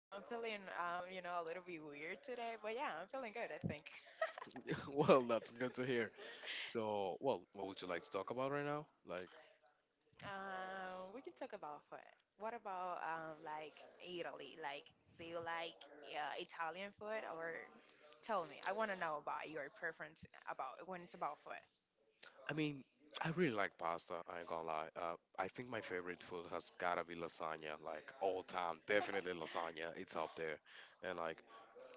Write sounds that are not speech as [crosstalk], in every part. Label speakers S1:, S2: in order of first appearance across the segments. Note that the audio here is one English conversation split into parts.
S1: Oh, I'm feeling, you know, a little bit weird today, but yeah, I'm feeling good, I think.
S2: [laughs] Well, that's good to hear. So, well, what would you like to talk about right now? Like,
S1: We can talk about food. What about like Italy? Like, do you like Italian food, or tell me? I want to know about your preference about when it's about food.
S2: I mean, I really like pasta. I ain't gonna lie. I think my favorite food has gotta be lasagna. Like all time, definitely lasagna. It's up there. And like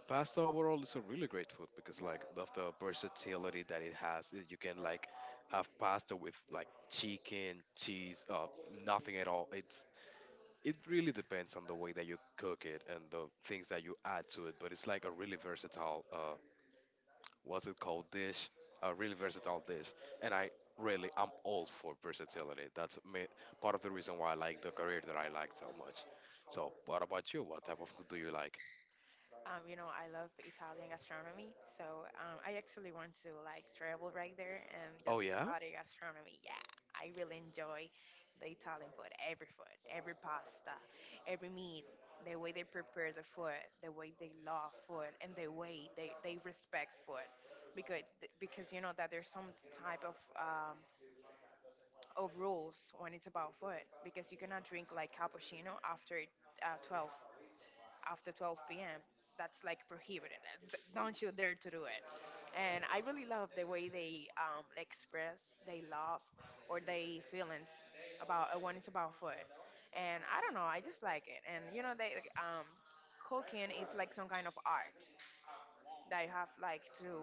S2: pasta overall is a really great food because like of the versatility that it has. You can like have pasta with like chicken, cheese, nothing at all. It really depends on the way that you cook it and the things that you add to it, but it's like a really versatile, what's it called, dish? A really versatile dish. And I Really, I'm all for versatility. That's ma part of the reason why I like the career that I like so much. So, what about you? What type of food do you like?
S1: You know, I love Italian gastronomy, so I actually want to like travel right there and
S2: Oh,
S1: just
S2: yeah?
S1: study gastronomy. Yeah, I really enjoy the Italian food, every pasta, every meat, the way they prepare the food, the way they love food, and the way they respect food, because because you know that there's some type of rules when it's about food, because you cannot drink like cappuccino after uh, 12 after 12 p.m. That's like prohibited. It's- Don't you dare to do it. And I really love the way they express they love or they feelings about when it's about food. And I don't know, I just like it. And you know, they cooking is like some kind of art that you have like to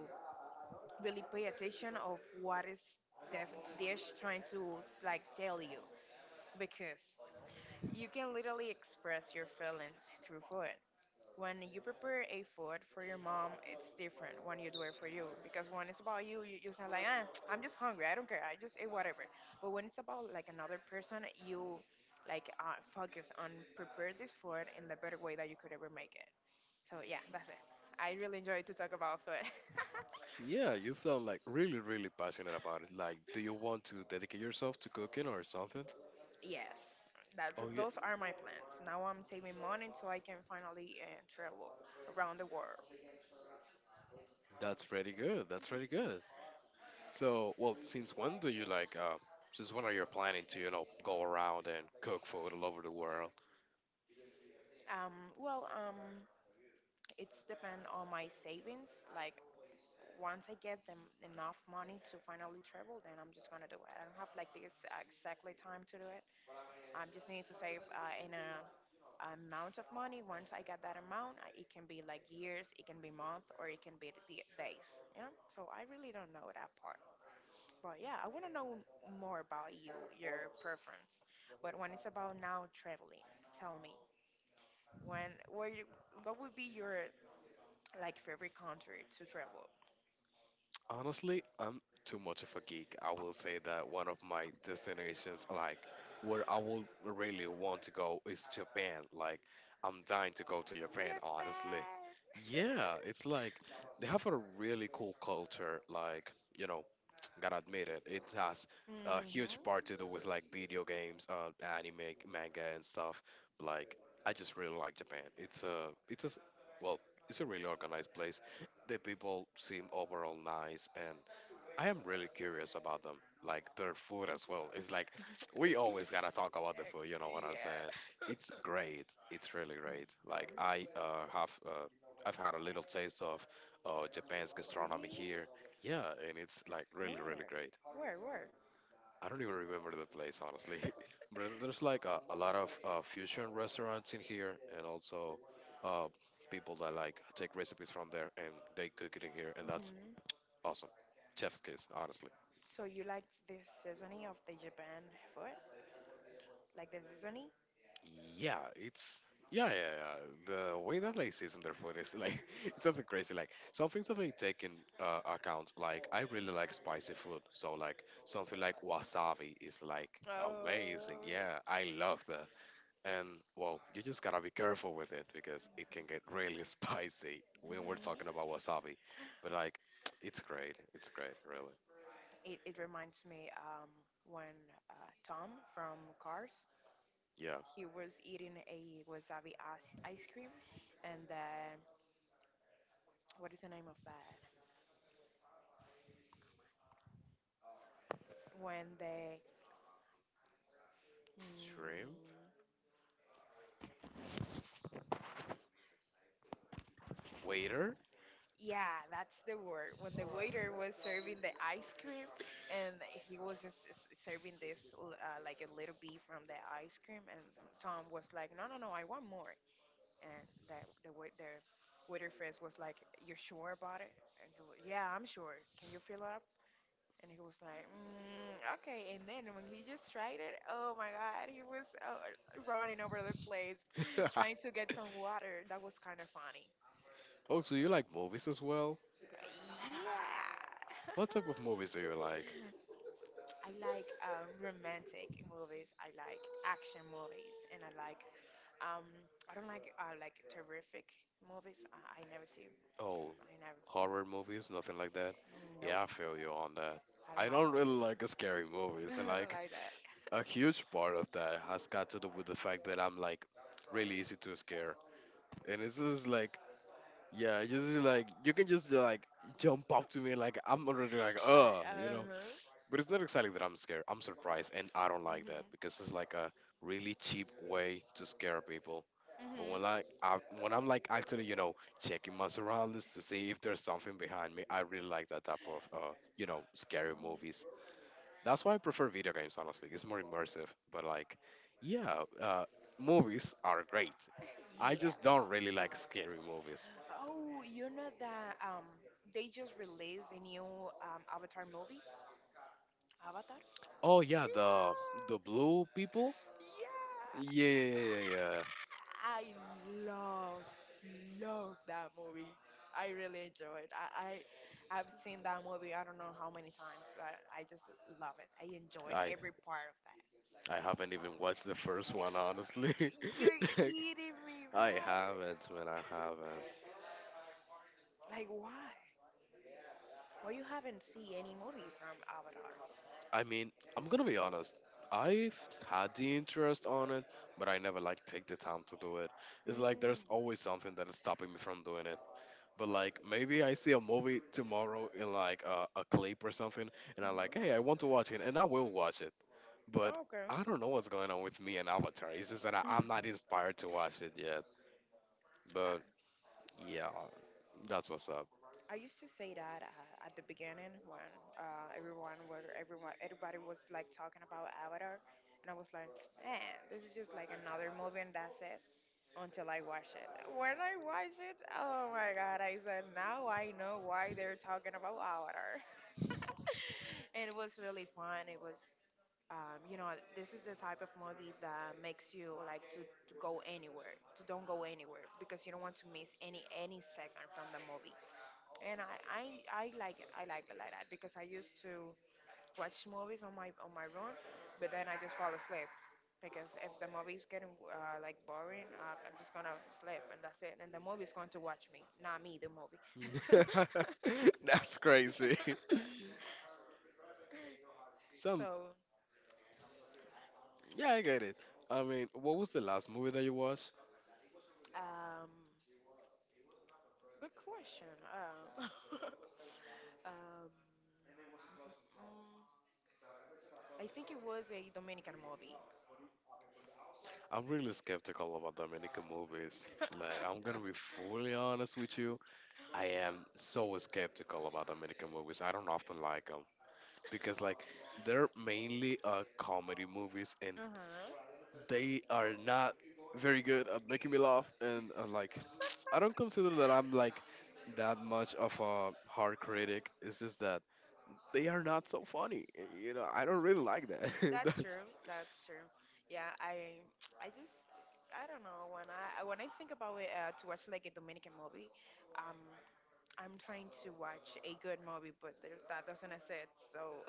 S1: really pay attention of what is the dish trying to like tell you because you can literally express your feelings through food. When you prepare a food for your mom, it's different when you do it for you. Because when it's about you, you just sound like, ah, I'm just hungry. I don't care. I just eat whatever. But when it's about like another person, you like focus on prepare this food in the better way that you could ever make it. So yeah, that's it. I really enjoy to talk about food.
S2: Yeah, you sound like really, really passionate about it. Like, do you want to dedicate yourself to cooking or something?
S1: [laughs] yes, that's
S2: Oh, yeah,
S1: those are my plans. Now I'm saving money so I can finally travel around the world.
S2: that's pretty good. That's pretty good. So, well, since when do you like, since when are you planning to, you know, go around and cook food all over the world?
S1: Um, well, um, it's depend on my savings. Like once I get them enough money to finally travel, then I'm just gonna do it. I don't have like exactly time to do it. I just need to save in a amount of money. Once I get that amount, I, it can be like years, it can be month, or it can be the days. You know. So I really don't know that part. But yeah, I want to know more about you, your preference. But when it's about now traveling, tell me when where you what would be your like favorite country to travel?
S2: Honestly, I'm too much of a geek. I will say that one of my destinations, like, where I will really want to go is Japan. Like, I'm dying to go to Japan, honestly.
S1: Japan.
S2: Yeah, it's
S1: [laughs]
S2: like they have a really cool culture. Like, you know, gotta admit it. It has a
S1: mhm.
S2: huge part to do with like video games, anime, manga, and stuff. Like, I just really like Japan. Well, it's a really organized place. The people seem overall nice, and I am really curious about them, like their food as well. It's like [sniffs] [tsk] we always gotta talk about the food. You know what I'm saying?
S1: Yeah.
S2: It's great. It's really great. Like I have, I've had a little taste of Japan's gastronomy
S1: Really?
S2: here. Yeah, and it's like really, really
S1: Where?
S2: great.
S1: Where?
S2: I don't even remember the place honestly,
S1: [laughs]
S2: [laughs] but there's like a lot of fusion restaurants in here, and also uh, people that like take recipes from there and they cook it in here, and that's
S1: mhm.
S2: awesome. Chef's kiss, honestly.
S1: So you like the seasoning of the Japan food? Like the seasoning?
S2: Yeah, it's yeah, yeah, yeah. The way that they season their food is like [laughs] it's something crazy. Like some things that they take in account. Like I really like spicy food, so like something like wasabi is like
S1: Oh.
S2: amazing. Yeah, I love that. And well, you just gotta be careful with it because it can get really [laughs] spicy when we're talking
S1: Mhm.
S2: about wasabi. But like, [tsk] it's great. It's great, really.
S1: It reminds me when Tom from Cars,
S2: Yeah,
S1: he was eating a wasabi ice cream, and then what is the name of that? When the
S2: shrimp
S1: Mm,
S2: waiter.
S1: yeah, that's the word. When the waiter was serving the ice cream, and he was just serving this like a little bit from the ice cream, and Tom was like, "No, no, no, I want more." And that the waiter friend was like, "You're sure about it?" And he was, "Yeah, I'm sure. Can you fill up?" And he was like, mm, "Okay." And then when he just tried it, oh my God, he was running over the place, [laughs] trying to
S2: [laughs]
S1: get some water. That was kind of funny.
S2: Oh, so you like movies as well?
S1: Yeah.
S2: What type of movies do you like?
S1: [laughs] I like romantic movies. I like action movies, and I like um, I don't like terrific movies. I never see.
S2: Oh,
S1: I never.
S2: horror movies, nothing like
S1: See.
S2: that.
S1: Nope.
S2: Yeah, I feel you on that.
S1: I don't
S2: I
S1: like
S2: don't really
S1: that.
S2: like scary
S1: [laughs]
S2: movies, and
S1: I don't
S2: like
S1: like that.
S2: a huge part of that has got to do with the fact that I'm like really easy to scare. And it's just like, yeah, just like you can just like jump up to me, like I'm already like,
S1: I
S2: you
S1: uh
S2: know.
S1: huh.
S2: But it's not exactly that I'm scared. I'm surprised, and I don't like that
S1: Mhm.
S2: because it's like a really cheap way to scare people. But
S1: Mhm.
S2: when I'm like actually, you know, checking my surroundings to see if there's something behind me, I really like that type of, you know, scary movies.
S1: Mhm.
S2: That's why I prefer video games. Honestly, it's more immersive. But like, yeah, movies are great. I
S1: Yeah.
S2: just don't really like scary movies.
S1: Oh, you know that they just released a new Avatar movie. Avatar.
S2: Oh yeah, the
S1: Yeah.
S2: blue people. Yeah,
S1: Yeah.
S2: yeah, yeah, yeah, yeah,
S1: I love, love that movie. I really enjoyed. I've seen that movie. I don't know how many times, but I just love it. I
S2: yeah.
S1: enjoyed every part of that.
S2: I haven't even watched the first one, honestly. [laughs]
S1: You're kidding me,
S2: Like, I
S1: right?
S2: haven't, man. I haven't.
S1: Like why? Why you haven't seen any movie from Avatar?
S2: I mean, I'm gonna be honest. I've had the interest on it, but I never like take the time to do it. It's like there's always something that is stopping me from doing it. But like maybe I see a movie tomorrow in like a clip or something, and I'm like,
S1: Mm-hmm.
S2: hey, I want to watch it, and I will watch it. But
S1: Okay.
S2: I don't know what's going on with me and Avatar. It's just that I'm not inspired to watch it yet. But yeah, that's what's up.
S1: I used to say that at the beginning when everyone was everyone everybody was like talking about Avatar, and I was like, eh, this is just like another movie and that's it. Until I watched it. When I watched it, oh my god! I said, now I know why they're talking about Avatar. [laughs] and it was really fun. It was, you know, this is the type of movie that makes you like to go anywhere, to don't go anywhere because you don't want to miss any second from the movie and I like it. I like it like that because I used to watch movies on my room, but then I just fall asleep because if the movie is getting like boring, I'm just gonna sleep and that's it. And the movie is going to watch me, not me, the movie.
S2: [laughs] That's crazy.
S1: [laughs]
S2: Some,
S1: so,
S2: yeah, I get it. I mean, what was the last movie that you watched?
S1: um, good question. [laughs] Um, mm, I think it was a Dominican movie.
S2: I'm really skeptical about Dominican movies.
S1: [laughs] uh
S2: Like, I'm gonna be fully honest with you. I am so skeptical about Dominican movies. I don't often like them because, like, they're mainly comedy movies and
S1: huh.
S2: they are not very good at making me laugh. And, like, [tsk] I don't consider that I'm, like, that much of a hard critic. It's just that they are not so funny. You know, I don't really like that. [laughs]
S1: That's
S2: That's
S1: true. That's true. Yeah, I [tsk] I just I don't know when I think about it to watch like a Dominican movie, um I'm trying to watch a good movie, but there, that doesn't exist. So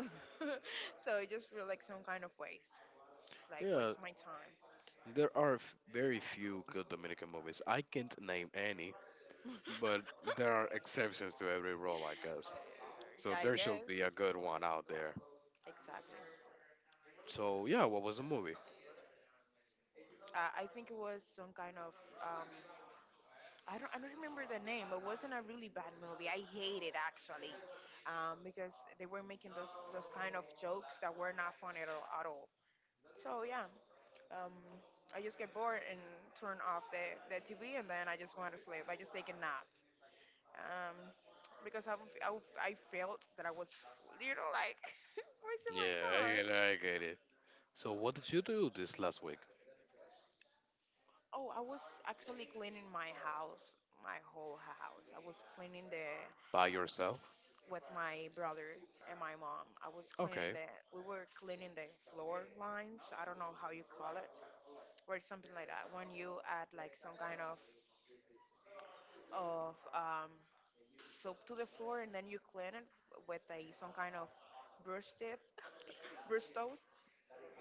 S1: [laughs] so it just feels like some kind of waste, like
S2: yeah,
S1: waste my time.
S2: there are f- very few good Dominican movies. I can't name any, but
S1: [laughs]
S2: there are exceptions to every rule, I guess. So
S1: I
S2: there should
S1: guess.
S2: be a good one out
S1: Yeah,
S2: there.
S1: exactly.
S2: So yeah, what was the movie?
S1: I think it was some kind of um I don't remember the name. But wasn't a really bad movie. I hate it actually, because they were making those kind of jokes that were not funny at all. At all. So yeah, um, I just get bored and turn off the TV, and then I just want to sleep. I just take a nap, um, because I felt that I was, you know, like [laughs] wasting my
S2: Yeah, I get
S1: time.
S2: it. I get it. So what did you do this last week?
S1: Oh, I was actually cleaning my house, my whole house. I was cleaning the
S2: By yourself?
S1: with my brother and my mom. I was cleaning
S2: Okay.
S1: we were cleaning the floor lines. I don't know how you call it, or something like that. When you add like some kind of of um, soap to the floor and then you clean it with a some kind of brush teeth, [laughs] brush toad.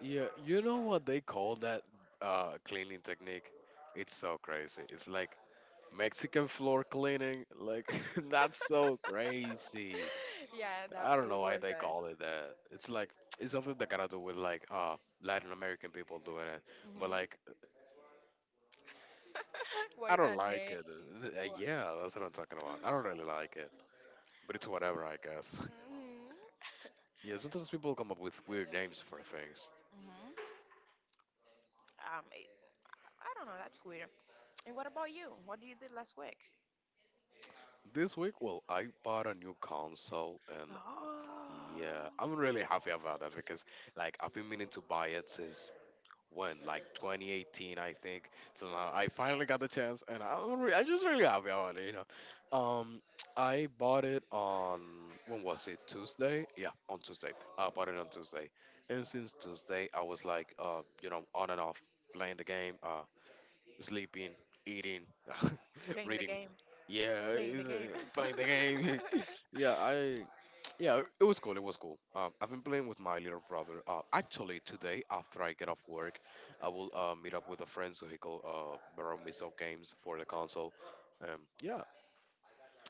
S2: Yeah, you know what they call that cleaning technique? It's so crazy. It's like Mexican floor cleaning, like [laughs] that's so crazy.
S1: [laughs] yeah, that
S2: I don't know why
S1: was
S2: they
S1: a.
S2: call it that. It's like [tsk] it's something that gotta do with like Latin American people doing it, but
S1: Hmm.
S2: like
S1: [laughs] Why
S2: I don't
S1: that
S2: like
S1: name?
S2: it. Yeah, that's what I'm talking about. I don't really like it, but it's whatever, I guess. [laughs]
S1: Hmm.
S2: Yeah, sometimes people come up with weird names for things.
S1: Hmm. Um, it, I don't know. That's weird. And what about you? What did you did last week?
S2: This week, well, I bought a new console and. Yeah,
S1: Oh,
S2: I'm really happy about that because like I've been meaning to buy it since when like 2018 I think, so now I finally got the chance and I'm just really happy about it, you know. I bought it on when was it Tuesday, yeah, on Tuesday, I bought it on Tuesday. And since Tuesday I was like you know, on and off playing the game, sleeping, eating, [laughs]
S1: playing the
S2: reading.
S1: game.
S2: Yeah,
S1: Playing the
S2: it's,
S1: game.
S2: playing the
S1: [laughs]
S2: game. [laughs] Yeah, I. Yeah, it was cool. It was cool. I've been playing with my little brother. Actually, today after I get off work, I will meet up with a friend so he could borrow me some games for the console. Yeah,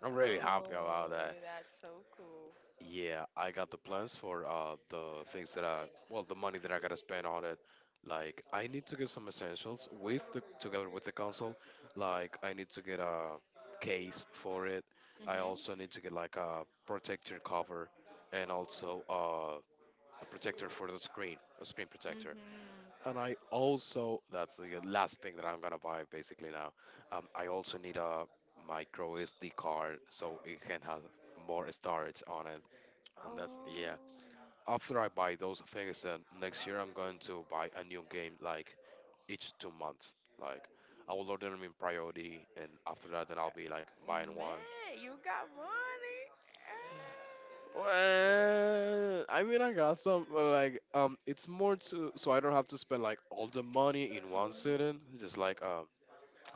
S2: I'm really
S1: Oh,
S2: happy about
S1: that's so cool.
S2: yeah, I got the plans for the things that I well the money that I gotta spend on it. Like I need to get some essentials with the together with the console. Like I need to get a case for it. I also
S1: Mhm.
S2: need to get like a protector cover and also a protector for the screen, a screen protector.
S1: Mhm.
S2: And I also That's the last thing that I'm gonna buy basically now. I also need a micro SD card so it can have more storage on it and that's
S1: Oh,
S2: yeah. After I buy those things, then next year I'm going to buy a new game like each 2 months. Like I will order them in priority, and after that, then I'll be like buying one.
S1: man, you got money.
S2: Well, I mean, I got some, but like it's more to so I don't have to spend like all the
S1: Ah.
S2: money in one
S1: Mhm.
S2: sitting. Just like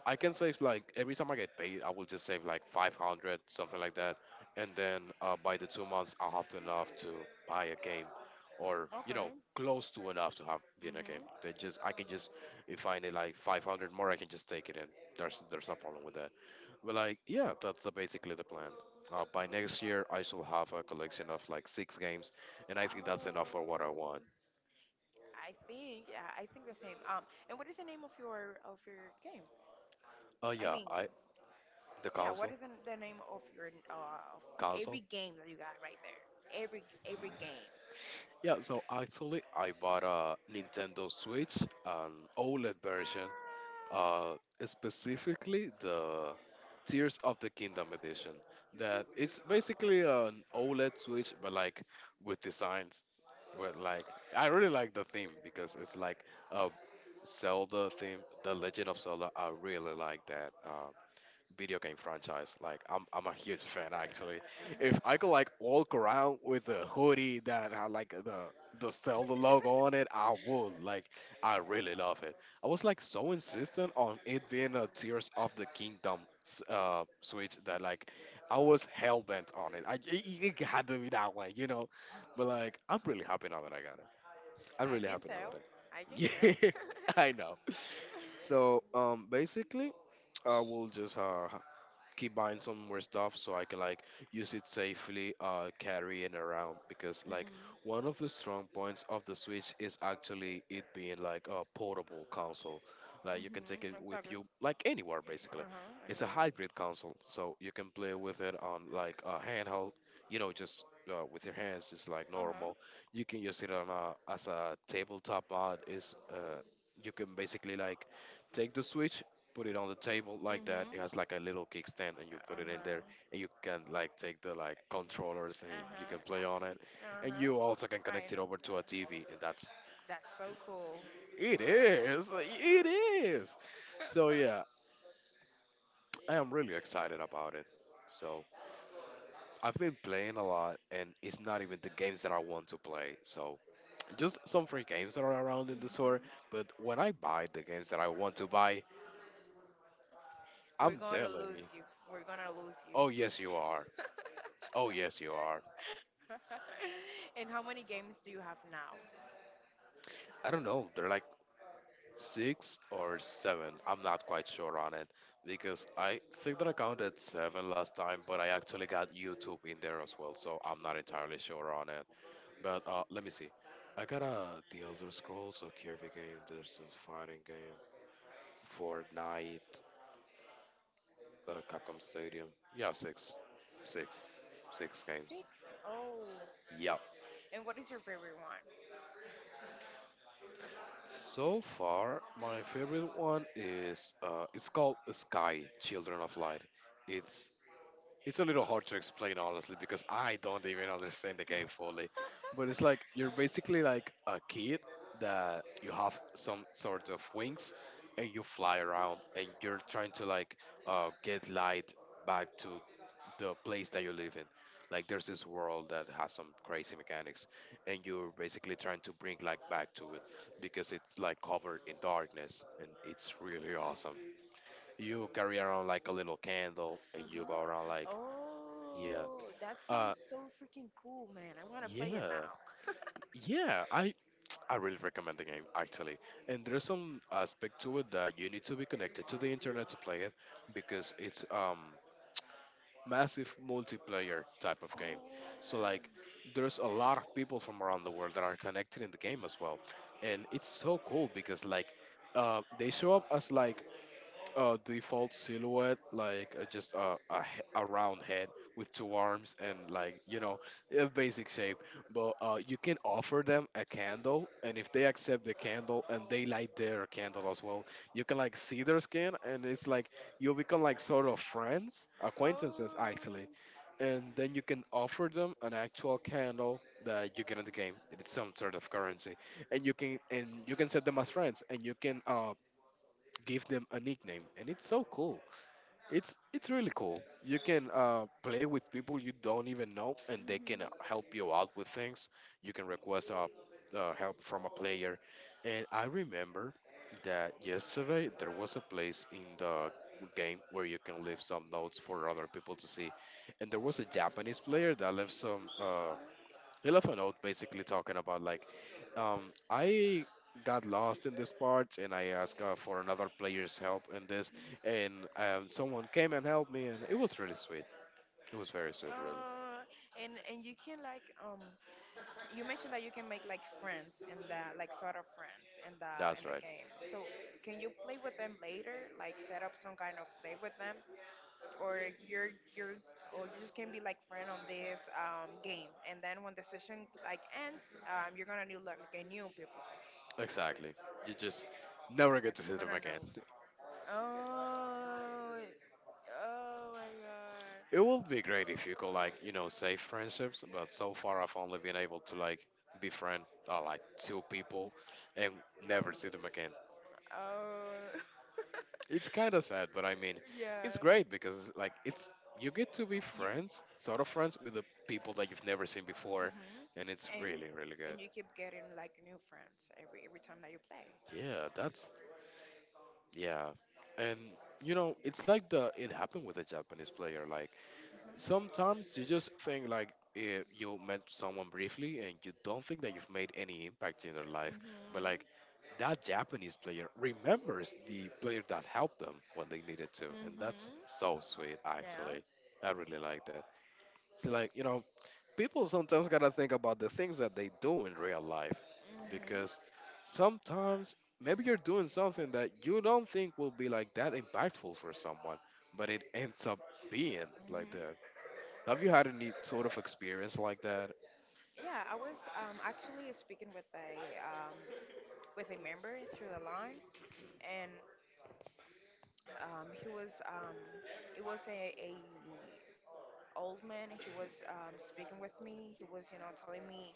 S2: I can save like every time I get paid, I will just save like 500, something like that. And then by the 2 months, I'll have to enough to buy a game or,
S1: Ah.
S2: you know,
S1: Okay.
S2: close to enough to have be in a game.
S1: Mhm.
S2: I can just, if I need like 500 more, I can just take it in. There's no problem with that. But like, yeah, that's basically the plan. By next year, I shall have a collection of like 6 games, and I think that's enough for what I
S1: Oh,
S2: want.
S1: I think yeah, I think the same. And what is the name of your game? I
S2: Yeah,
S1: mean,
S2: I the
S1: yeah, what
S2: console,
S1: is the name of your of
S2: console.
S1: every game that you got right there? Every game.
S2: Yeah, so actually, I bought a Nintendo Switch, an OLED version, uh, specifically the Tears of the Kingdom edition. That it's basically an OLED Switch, but like with designs. With like, I really like the theme because it's like a Zelda theme, The Legend of Zelda. I really like that. Video game franchise. Like I'm a huge fan actually. If I could like walk around with a hoodie that had like the Zelda logo on it, I would. Like I really love it. I was like so insistent on it being a Tears of the Kingdom Switch that like I was hell bent on it. I It, it had to be that one, you know. But like I'm really happy now that I got it. I'm
S1: I
S2: really
S1: can
S2: happy now
S1: tell.
S2: that I.
S1: I
S2: [laughs]
S1: can tell.
S2: Yeah,
S1: [laughs]
S2: I know. So basically I will just keep buying some more stuff so I can like use it safely, carry it around because like
S1: Mhm.
S2: one of the strong points of the Switch is actually it being like a portable console. Like you
S1: Mhm.
S2: can take it with
S1: Exactly.
S2: you like anywhere basically.
S1: Uh huh.
S2: It's a
S1: Anywhere.
S2: hybrid console, so you can play with it on like a handheld, you know, just with your hands, just like
S1: Uh huh.
S2: normal. You can use it on a as a tabletop mod. Is You can basically like take the Switch, put it on the table like that. It
S1: Mhm.
S2: has like a little kickstand, and you
S1: Uh huh.
S2: put it in
S1: Uh
S2: there, and you can like take the like controllers, and you can play on it,
S1: huh. Uh
S2: and you also can
S1: huh. I
S2: connect it
S1: know.
S2: over to a TV, and that's
S1: That's so cool.
S2: it is it is. So yeah,
S1: [laughs]
S2: I am really excited about it. So I've been playing a lot, and it's not even the games that I want to play. So just some free games that are around in the store.
S1: Mhm.
S2: But when I buy the games that I want to buy,
S1: We're
S2: I'm
S1: gonna
S2: telling
S1: lose
S2: you,
S1: you. We're gonna lose you.
S2: oh yes you are, oh yes you are.
S1: [laughs] and how many games do you have now?
S2: I don't know. They're like six or seven. I'm not quite sure on it because I think that I counted seven last time, but I actually got YouTube in there as well, so I'm not entirely sure on it. But let me see. I got the Elder Scrolls, a Kirby game, there's this fighting game, Fortnite, Capcom Stadium. Yeah, six, six games.
S1: Six. Oh.
S2: Yep.
S1: And what is your favorite one?
S2: So far, my favorite one is it's called Sky Children of Light. It's It's a little hard to explain, honestly, because I don't even understand the game fully.
S1: [laughs]
S2: But it's like you're basically like a kid that you have some sort of wings and you fly around and you're trying to like get light back to the place that you live in. Like there's this world that has some crazy mechanics and you're basically trying to bring like back to it because it's like covered in darkness and it's really awesome. You carry around like a little candle and you go around
S1: Uh-huh.
S2: like yeah,
S1: Oh, that
S2: uh,
S1: sounds so freaking cool, man. I want to play it
S2: yeah,
S1: now.
S2: yeah. I really recommend the game actually, and there's some aspect to it that you need to be connected to the internet to play it because it's massive multiplayer type of
S1: Oh.
S2: game.
S1: Mm-hmm.
S2: So like, there's a lot of people from around the world that are connected in the game as well, and it's so cool because like, they show up as like default silhouette, like just a round head with two arms and like you know a basic shape, but you can offer them a candle, and if they accept the candle and they light their candle as well, you can like see their skin, and it's like you become like sort of friends, acquaintances
S1: Oh.
S2: actually, and then you can offer them an actual candle that you get in the game. It's some sort of currency, and you can set them as friends, and you can give them a nickname, and it's so cool. It's really cool. You can play with people you don't even know, and they can
S1: Hmm.
S2: help you out with things. You can request help from a player. And I remember that yesterday there was a place in the game where you can leave some notes for other people to see, and there was a Japanese player that left some. He left a note basically talking about like I got lost in this part and I asked for another player's help in this, and someone came and helped me and it was really sweet. It was very sweet, really.
S1: Uh, and you can like you mentioned that you can make like friends and that like sort of friends
S2: That's
S1: in the
S2: right.
S1: game. So can you play with them later? Like set up some kind of play with them or you're you're or you just can be like friend on this game and then when the session like ends you're gonna new like a new people
S2: Exactly. You just never
S1: Like I
S2: get to see
S1: wanna
S2: them
S1: know.
S2: again.
S1: Oh, oh my god.
S2: It would be great if you could like you know save friendships, but so far I've only been able to like befriend like two people and never see them again.
S1: Oh,
S2: It's kind of sad, but I mean,
S1: [laughs]
S2: it's
S1: yeah.
S2: great because like it's you get to be
S1: You,
S2: friends, sort of friends, with the people that you've never seen before,
S1: mhm.
S2: and it's
S1: And
S2: really really
S1: and
S2: good.
S1: you keep getting like new friends every time that you play.
S2: Yeah, that's yeah, and you know it's like the it happened with a Japanese player. Like
S1: Mhm.
S2: sometimes you just think like, eh, you met someone briefly and you don't think that you've made any impact in their life,
S1: Mhm.
S2: but like that Japanese player remembers the player that helped them when they needed to. And that's so sweet,
S1: Yeah.
S2: actually. I really like that. See, like, you know, people sometimes gotta think about the things that they do in real life because
S1: Mhm.
S2: sometimes maybe you're doing something that you don't think will be like that impactful for someone, but it ends up being like
S1: Mhm.
S2: that. Have you had any sort of experience like that?
S1: Yeah. I was actually speaking um with a member through the line, and he was it was a old man. He was speaking with me. He was, you know, telling me,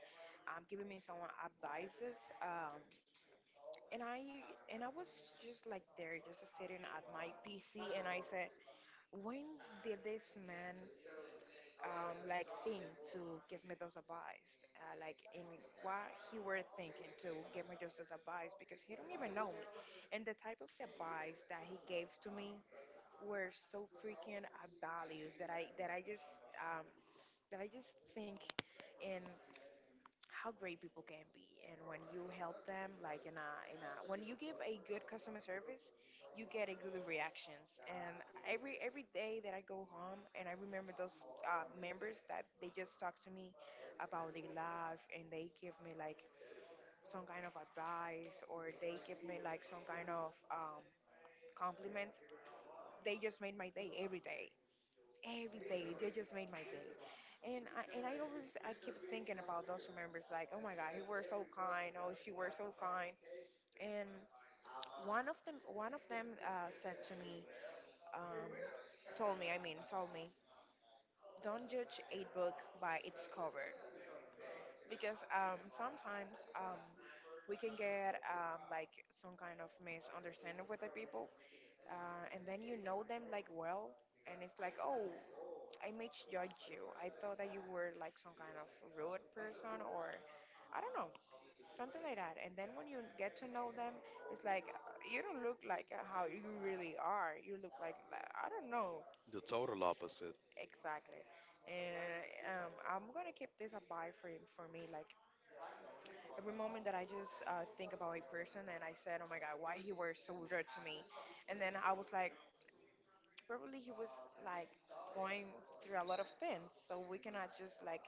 S1: giving me some advices. And I was just like there, just sitting at my PC, and I said, when did this man like think to give me those advice? Like, in what he were thinking to give me just those advice because he don't even know me, and the type of advice that he gave to me were so freaking values that um, I just think in how great people can be, and when you help them, like in a, when you give a good customer service, you get a good reactions. And every day that I go home, and I remember those members that they just talk to me about their life, and they give me like some kind of advice, or they give me like some kind of compliment. They just made my day every day every day. They just made my day. And I always I keep thinking about those members like, oh my god, he were so kind, oh she were so kind. And one of them said to me um, told me I mean told me don't judge a book by its cover, because sometimes we can get like some kind of misunderstanding with the people, and then you know them like well, and it's like, oh, I misjudged you. I thought that you were like some kind of rude person, or I don't know, something like that. And then when you get to know them, it's like, you don't look like how you really are. You look like, I don't know.
S2: The total opposite.
S1: Exactly. And I'm gonna keep this a buy for me. Like every moment that I just think about a person, and I said, oh my god, why he was so rude to me, and then I was like, probably he was, like, going through a lot of things, so we cannot just like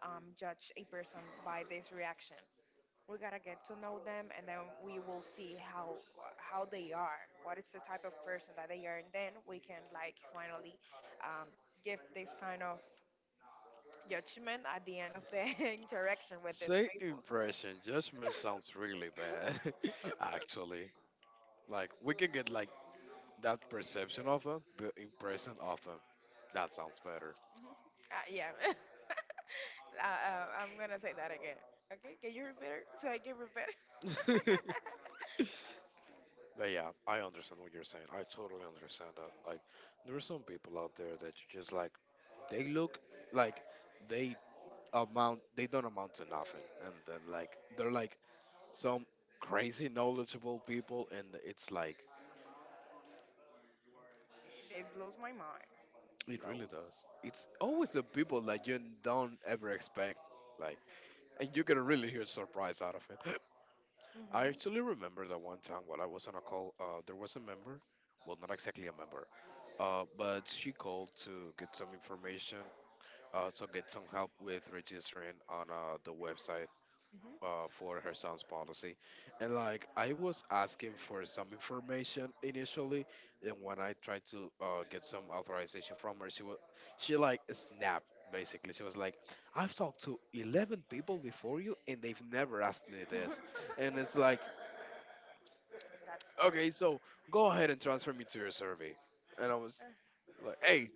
S1: judge a person by this reaction. We gotta get to know them, and then we will see how they are, what is the type of person that they are, and then we can like finally um, give this kind of judgment at the end of the [laughs] interaction with these
S2: Say
S1: people.
S2: impression. Judgment sounds really bad, [laughs] actually. Like, we can get, like, that perception of them, the impression of them. That sounds better.
S1: Yeah. [laughs] I'm gonna say that again. Okay, can you repeat it so I can repeat it?
S2: [laughs] But yeah, I understand what you're saying. I totally understand that. Like, there are some people out there that you just, like, they look like they amount, they don't amount to nothing. And then, like, they're, like, some crazy knowledgeable people, and it's like,
S1: [laughs] It blows my mind.
S2: it really
S1: Loud.
S2: does. It's always the people that you don't ever expect, like, and you can really hear surprise out of it. [laughs] I actually
S1: Mm-hmm.
S2: remember that one time while I was on a call, there was a member, well, not exactly a member, but she called to get some information, to get some help with registering on the website
S1: Mm-hmm.
S2: for her son's policy. And like I was asking for some information initially, and when I tried to get some authorization from her, she like snapped basically. She was like, "I've talked to 11 people before you, and they've never asked me this." And it's like,
S1: [laughs] That's crazy.
S2: "Okay, so go ahead and transfer me to your survey." And I
S1: Uh,
S2: was like, "Hey,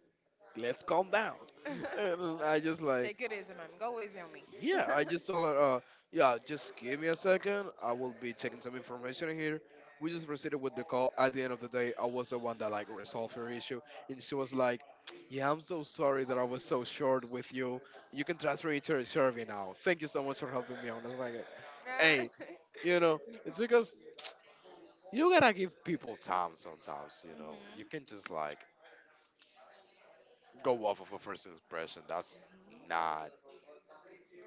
S2: let's calm down." [laughs] And I just
S1: [laughs]
S2: like,
S1: Take it easy, man. Go easy on me. [laughs]
S2: yeah,
S1: Mm-hmm.
S2: I just told her, yeah, just give me a second. I will be checking some information here. We just proceeded with the call. At the end of the day, I was the one that like resolved her issue, and she was like, "Yeah, I'm so sorry that I was so short with you. You can transfer me to her survey now. Thank you so much for helping me out." I was like, "Hey, you know, it's because you gotta give people time sometimes. You know, you can
S1: Mm-hmm.
S2: just like go off of a first impression. That's not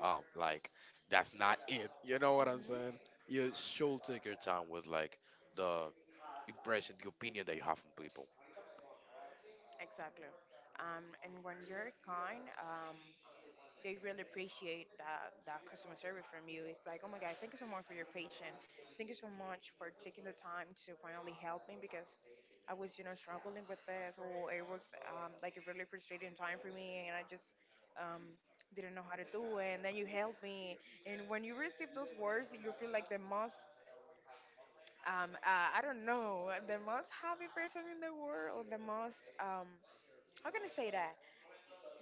S2: um like that's not it, you know what I'm saying? You should take your time with like the impression, the opinion that you have from people.
S1: Exactly. And when you're kind, they really appreciate that customer service from you. It's like, oh my God, thank you so much for your patience. Thank you so much for taking the time to finally help me, because I was, you know, struggling with this, or it was like a really frustrating time for me, and I just um, didn't know how to do it. And then you helped me, and when you receive those words, you feel like the most, I don't know, the most happy person in the world, or the most, how can I say that,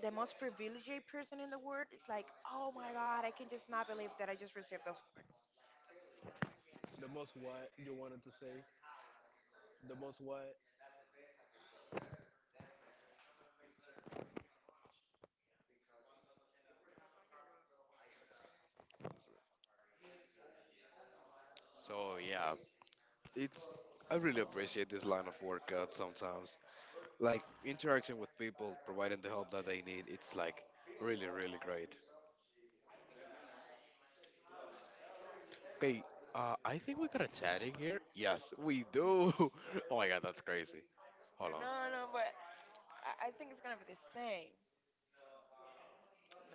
S1: the most privileged person in the world. Is like, oh my god, I can just not believe that I just received those.
S2: The most what you wanted to say? The most what? So yeah, it's I really appreciate this line of workout sometimes. Like interaction with people, providing the help that they need, it's like really really great. Hey, I think we got a chat in here. Yes, we do. [laughs] Oh my god, that's crazy. Hold on.
S1: No, no, but I think it's gonna be the same.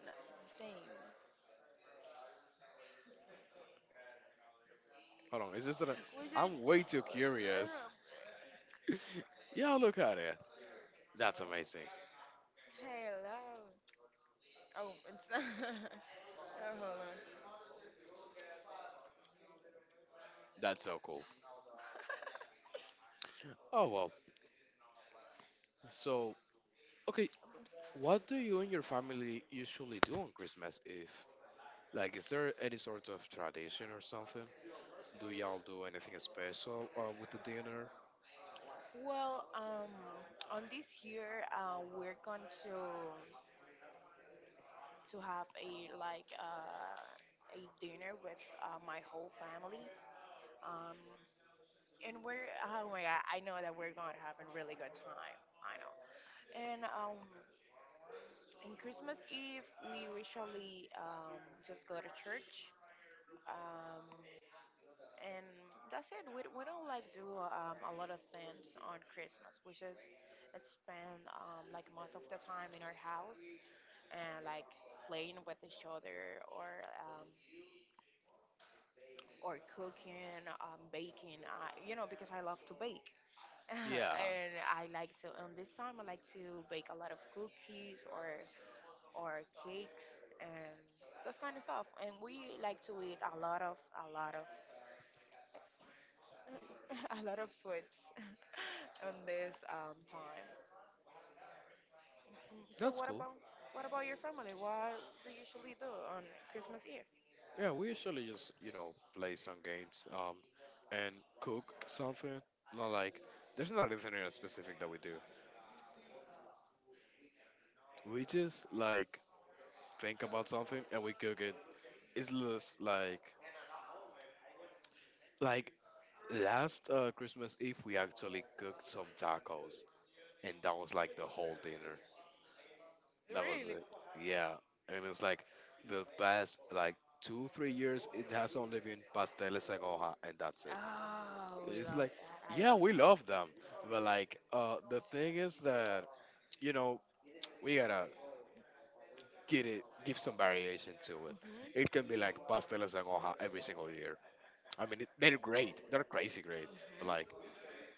S1: No, same.
S2: Hold on, it's just that
S1: We just.
S2: I'm
S1: I
S2: way too
S1: don't
S2: curious.
S1: know.
S2: Yeah, look at it. That's amazing.
S1: Hello. Oh, it's. [laughs] Oh, hold on.
S2: That's so cool. Oh well. So, okay, what do you and your family usually do on Christmas Eve? Like, is there any sort of tradition or something? Do y'all do anything special with the dinner?
S1: Well, on this year, we're going to have a dinner with my whole family. Um, and we're, oh my god, I know that we're going to have a really good time. I know. And in Christmas Eve, we usually just go to church, um, and that's it. We don't like do a lot of things on Christmas. We just spend like most of the time in our house, and like playing with each other, or cooking, baking. I, you know, because I love to bake, [laughs]
S2: Yeah,
S1: and I like to. On this time, I like to bake a lot of cookies, or cakes, and this kind of stuff. And we like to eat a lot of [laughs] a lot of sweets [laughs] on this time. So
S2: that's
S1: what
S2: cool.
S1: about what about your family? What do you usually do on Christmas Eve?
S2: Yeah, we usually just, you know, play some games and cook something. Not like, There's not anything in specific that we do. We just, like, think about something and we cook it. It's just like, last Christmas Eve, we actually cooked some tacos, and that was like the whole dinner. That was
S1: Really?
S2: it. Yeah, and it's like the past like two, 3 years, it has only been pasteles en hoja, and that's it.
S1: Oh, we
S2: It's
S1: love
S2: like,
S1: that. I
S2: yeah,
S1: love
S2: we
S1: that.
S2: love them, but like, the thing is that you know we gotta give some variation to it.
S1: Mhm.
S2: It can be like pasteles en hoja every single year. I mean, they're great. They're crazy great, but like,
S1: Mhm.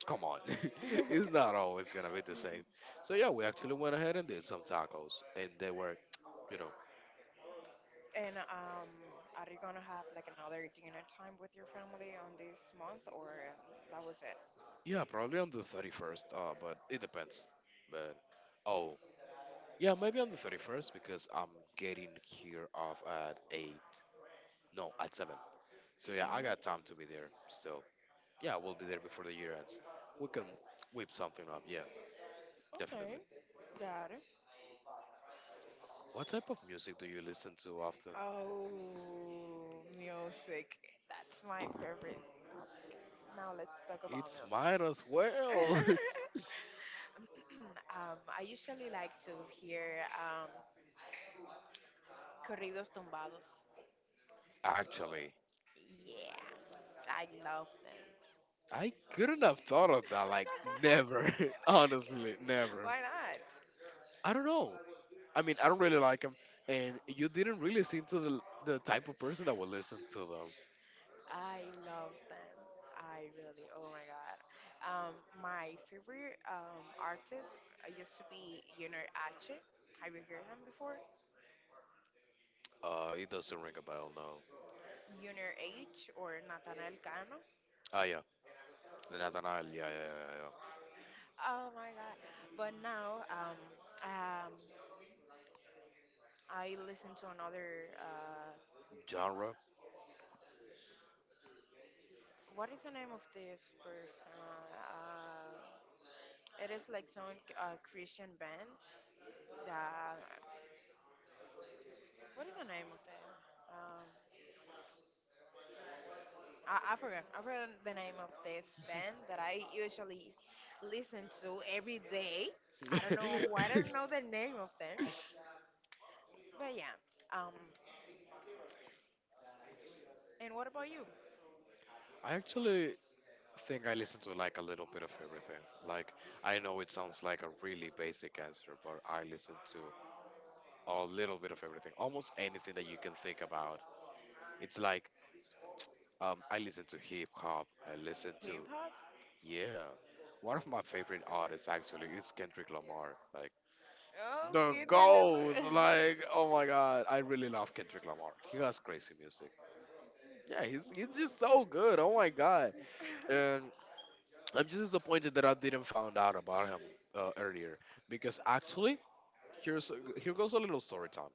S2: come on, [laughs] it's
S1: [laughs]
S2: not always gonna be the same. So yeah, we actually went ahead and did some tacos, and they were, you know,
S1: And are you gonna have like another dinner time with your family on this month, or that was it?
S2: yeah, probably on the 31st. But it depends. But Oh, yeah, maybe on the 31st because I'm getting here off at eight. No, at seven. So yeah, I got time to be there still. Yeah, we'll be there before the year ends. We can whip something up. Yeah,
S1: Okay,
S2: definitely.
S1: got it.
S2: What type of music do you listen to often?
S1: Oh, music. That's my favorite. Now let's talk about
S2: It's mine
S1: music.
S2: as well.
S1: [laughs] I usually like to hear corridos tumbados.
S2: [laughs] Actually,
S1: Yeah, I love them.
S2: I couldn't have thought of that. Like, never.
S1: [laughs]
S2: [laughs] Honestly, never.
S1: Why not?
S2: I don't know. I mean, I don't really like them. And you didn't really seem to the type of person that would listen to them.
S1: I love them. I really, oh my god. Um, my favorite artist used to be Junior H. Have you heard him before?
S2: It doesn't ring a bell, no.
S1: Junior H or Nathaniel Cano.
S2: Ah, yeah. Nathaniel, yeah, yeah,
S1: Oh my god. But now um, I listen to another.
S2: yeah, yeah, yeah. Genre?
S1: What is the name of this person? Uh, it is like some Christian band. That, what is the name of them? Um, I forgot. I forgot the name of this band that I usually listen to every day. I don't know why I don't know the name of them, but yeah. Um, and what about you?
S2: [laughs] I actually think I listen to like a little bit of everything. Like, I know it sounds like a really basic answer, but I listen to a little bit of everything. Almost anything that you can think about. It's like I listen to hip hop. I listen to
S1: Hip hop?
S2: yeah. One of my favorite artists actually is Kendrick Lamar. Like
S1: Oh,
S2: the
S1: kids in the
S2: goals.
S1: world. [laughs]
S2: Like oh my god, I really love Kendrick Lamar. He has crazy music. Yeah, he's just so good. Oh my god. And I'm just disappointed that I didn't find out about him earlier because actually here goes a little story time.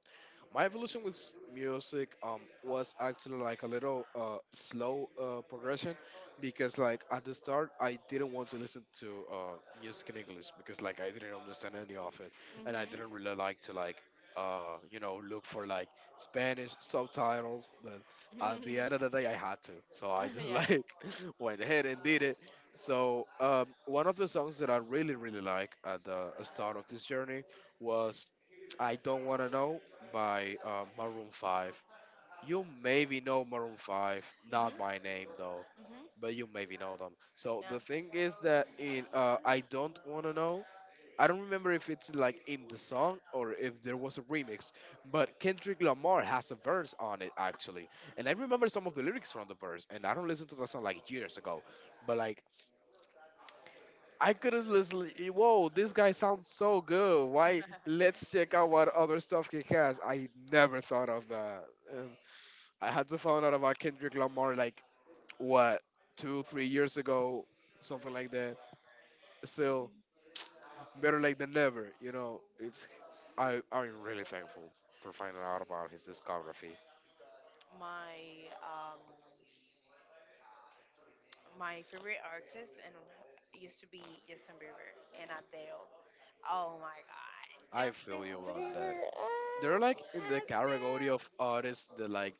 S2: My evolution with music was actually like a little slow progression because like at the start I didn't want to listen to music in English because like I didn't understand any of it, and I
S1: Mhm.
S2: didn't really like to like you know, look for like Spanish subtitles, but at the end of the
S1: [laughs]
S2: day I had to, so I just [laughs]
S1: Yeah.
S2: like went ahead and did it. So one of the songs that I really really like at the start of this journey was I Don't Wanna Know by Maroon 5. You maybe know Maroon 5,
S1: Mhm.
S2: not by name though,
S1: Mhm.
S2: but you maybe know them. So the
S1: Yeah.
S2: thing is that in I Don't Wanna Know, I don't remember if it's like in the song or if there was a remix, but Kendrick Lamar has a verse on it actually. And I remember some of the lyrics from the verse, and I don't listen to the song like years ago, but like I could have listened. Whoa, this guy sounds so good. Why?
S1: [laughs]
S2: Let's check out what other stuff he has. I never thought of that. And I had to find out about Kendrick Lamar like what, two, 3 years ago, something like that. Still, better late than never. You know, it's. I'm really thankful for finding out about his discography.
S1: my um my favorite artist and used to be Justin Bieber and Adele. Oh my God,
S2: I
S1: Justin
S2: feel you on that.
S1: Bieber.
S2: They're
S1: Ah,
S2: like in the
S1: ah,
S2: category
S1: damn.
S2: of artists that like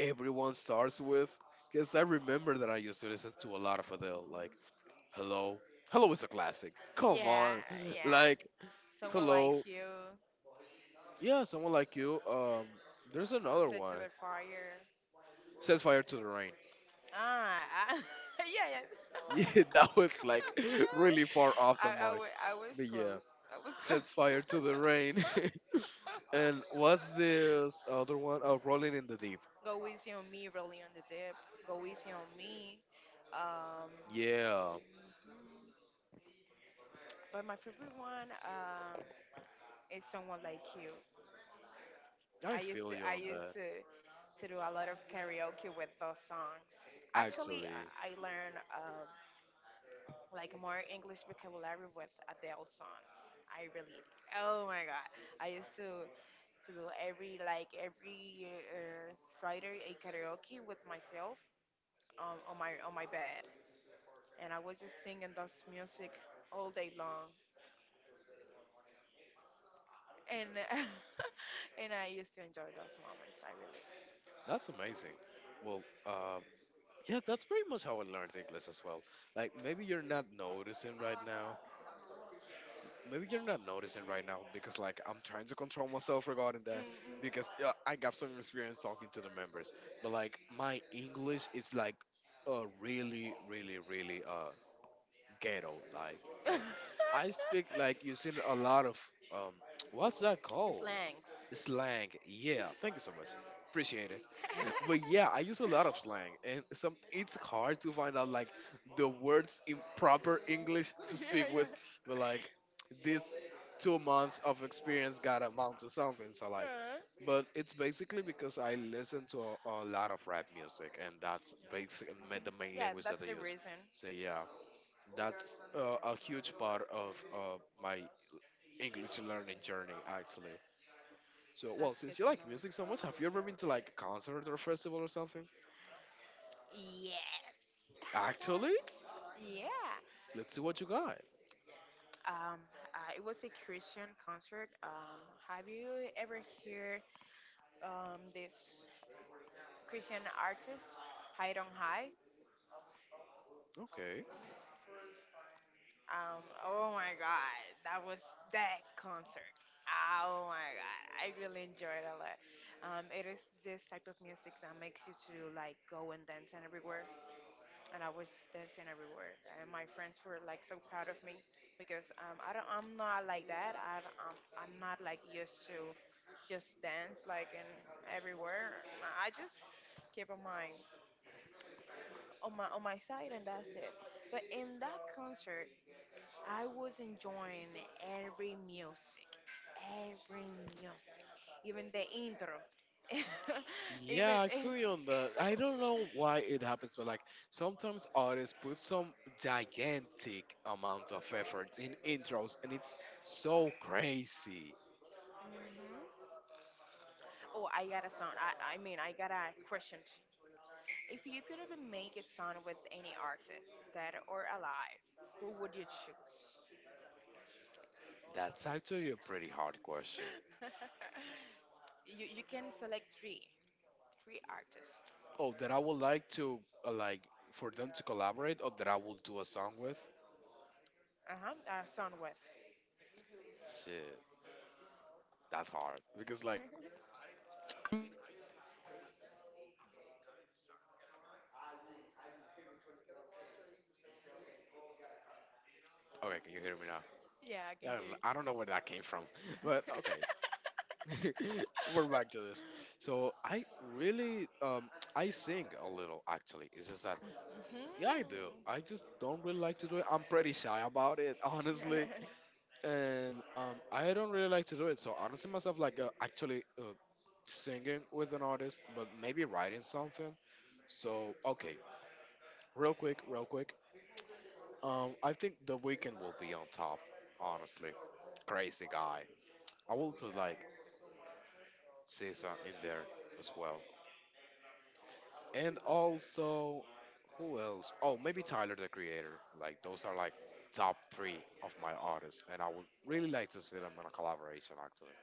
S2: everyone starts with. Because I remember that I used to listen to a lot of Adele, like Hello. Hello is a classic. Come
S1: Yeah,
S2: on. [laughs]
S1: yeah.
S2: Like,
S1: Someone like
S2: Hello.
S1: you
S2: Yeah, someone like you. There's another
S1: set to
S2: one.
S1: the fire.
S2: Set fire to the rain. [laughs]
S1: Ah, ah, [laughs] yeah, yes.
S2: Yeah, that was like [laughs] really far off
S1: [laughs] I,
S2: the
S1: I,
S2: mark.
S1: wa- I was
S2: But yeah,
S1: close. I was
S2: set
S1: close. [laughs]
S2: fire to the rain. [laughs] And what's this other one? Oh, rolling in the deep.
S1: Go easy on me, really on the dip. Go easy on me. Um,
S2: Yeah,
S1: but my favorite one is someone like you.
S2: I
S1: I used
S2: feel
S1: to
S2: you
S1: I
S2: on
S1: used
S2: that.
S1: to to do a lot of karaoke with those songs. Actually,
S2: Actually,
S1: I learned like more English vocabulary with Adele songs. I really, oh my god! I used to do every Friday a karaoke with myself on my bed, and I was just singing those music all day long, and [laughs] and I used to enjoy those moments. I really.
S2: that's amazing. Well, yeah, that's pretty much how I learned English as well. Like maybe you're not noticing right now. Maybe you're not noticing right now because like I'm trying to control myself regarding that
S1: Mm-mm.
S2: because I got some experience talking to the members. But like my English is like really really really ghetto, like I speak like
S1: [laughs]
S2: using a lot of um [tsk] what's that called?
S1: Slangs. [laughs]
S2: Slang. Yeah, thank you so much. Appreciate it. But yeah, I use a lot of slang, and some it's hard to find out like the words in proper English to speak
S1: Yeah, yeah.
S2: with. But like this 2 months of experience got amount to something. So like,
S1: Uh,
S2: but it's basically because I listen to a lot of rap music, and that's basically the main
S1: yeah,
S2: language that
S1: that's
S2: I
S1: the
S2: use.
S1: reason.
S2: So yeah, that's a huge part of my English learning journey actually. So well,
S1: That's good
S2: since you
S1: to
S2: like music so much,
S1: know.
S2: have you ever been to like a concert or festival or something?
S1: Yes.
S2: Actually,
S1: [laughs] Yeah.
S2: let's see what you got.
S1: Um, it was a Christian concert. Have you ever heard this Christian artist, Hide on High?
S2: Okay.
S1: Oh my god, that was that concert. Ah, oh my god, I really enjoyed it a lot. It is this type of music that makes you to like go and dance and everywhere, and I was dancing everywhere, and my friends were like so proud of me, because I don't, I'm not like that. I don't- I'm not like used to just dance like in everywhere. I just keep on my on my side, and that's it. But in that concert, I was enjoying every music, every music, even the intro. [laughs] Even.
S2: Yeah, I feel you on
S1: [laughs]
S2: that. I don't know why it happens, but like sometimes artists put some gigantic amount of effort in intros, and it's so crazy.
S1: Mhm. Oh, I got a song. I mean, I got a question. If you could even make a song with any artist, dead or alive, who would you choose?
S2: That's actually a pretty hard question.
S1: [laughs] You can select three, three artists.
S2: Oh, that I would like to like for them to collaborate, or that I will do a song with.
S1: Uh huh. A song with.
S2: Shit, that's hard. Because like,
S1: [laughs]
S2: okay, can you hear me now?
S1: Yeah, I can
S2: Yeah,
S1: hear
S2: I don't
S1: you.
S2: know where that came from, [laughs] but okay. [laughs] We're
S1: [laughs]
S2: back to this. So I really, I sing a little actually. It's just that, yeah, I do.
S1: Mhm.
S2: I just don't really like to do it. I'm pretty shy about it, [laughs] honestly,
S1: [laughs]
S2: and I don't really like to do it. So I don't see myself like actually singing with an artist, but maybe writing something. So okay, real quick, real quick. I think The Weekend will be on top, honestly. Crazy guy. I will put like Cesar in there as well, and also who else? Oh, maybe Tyler the Creator. Like those are like top three of my artists, and I would really like to see them in a collaboration. Actually,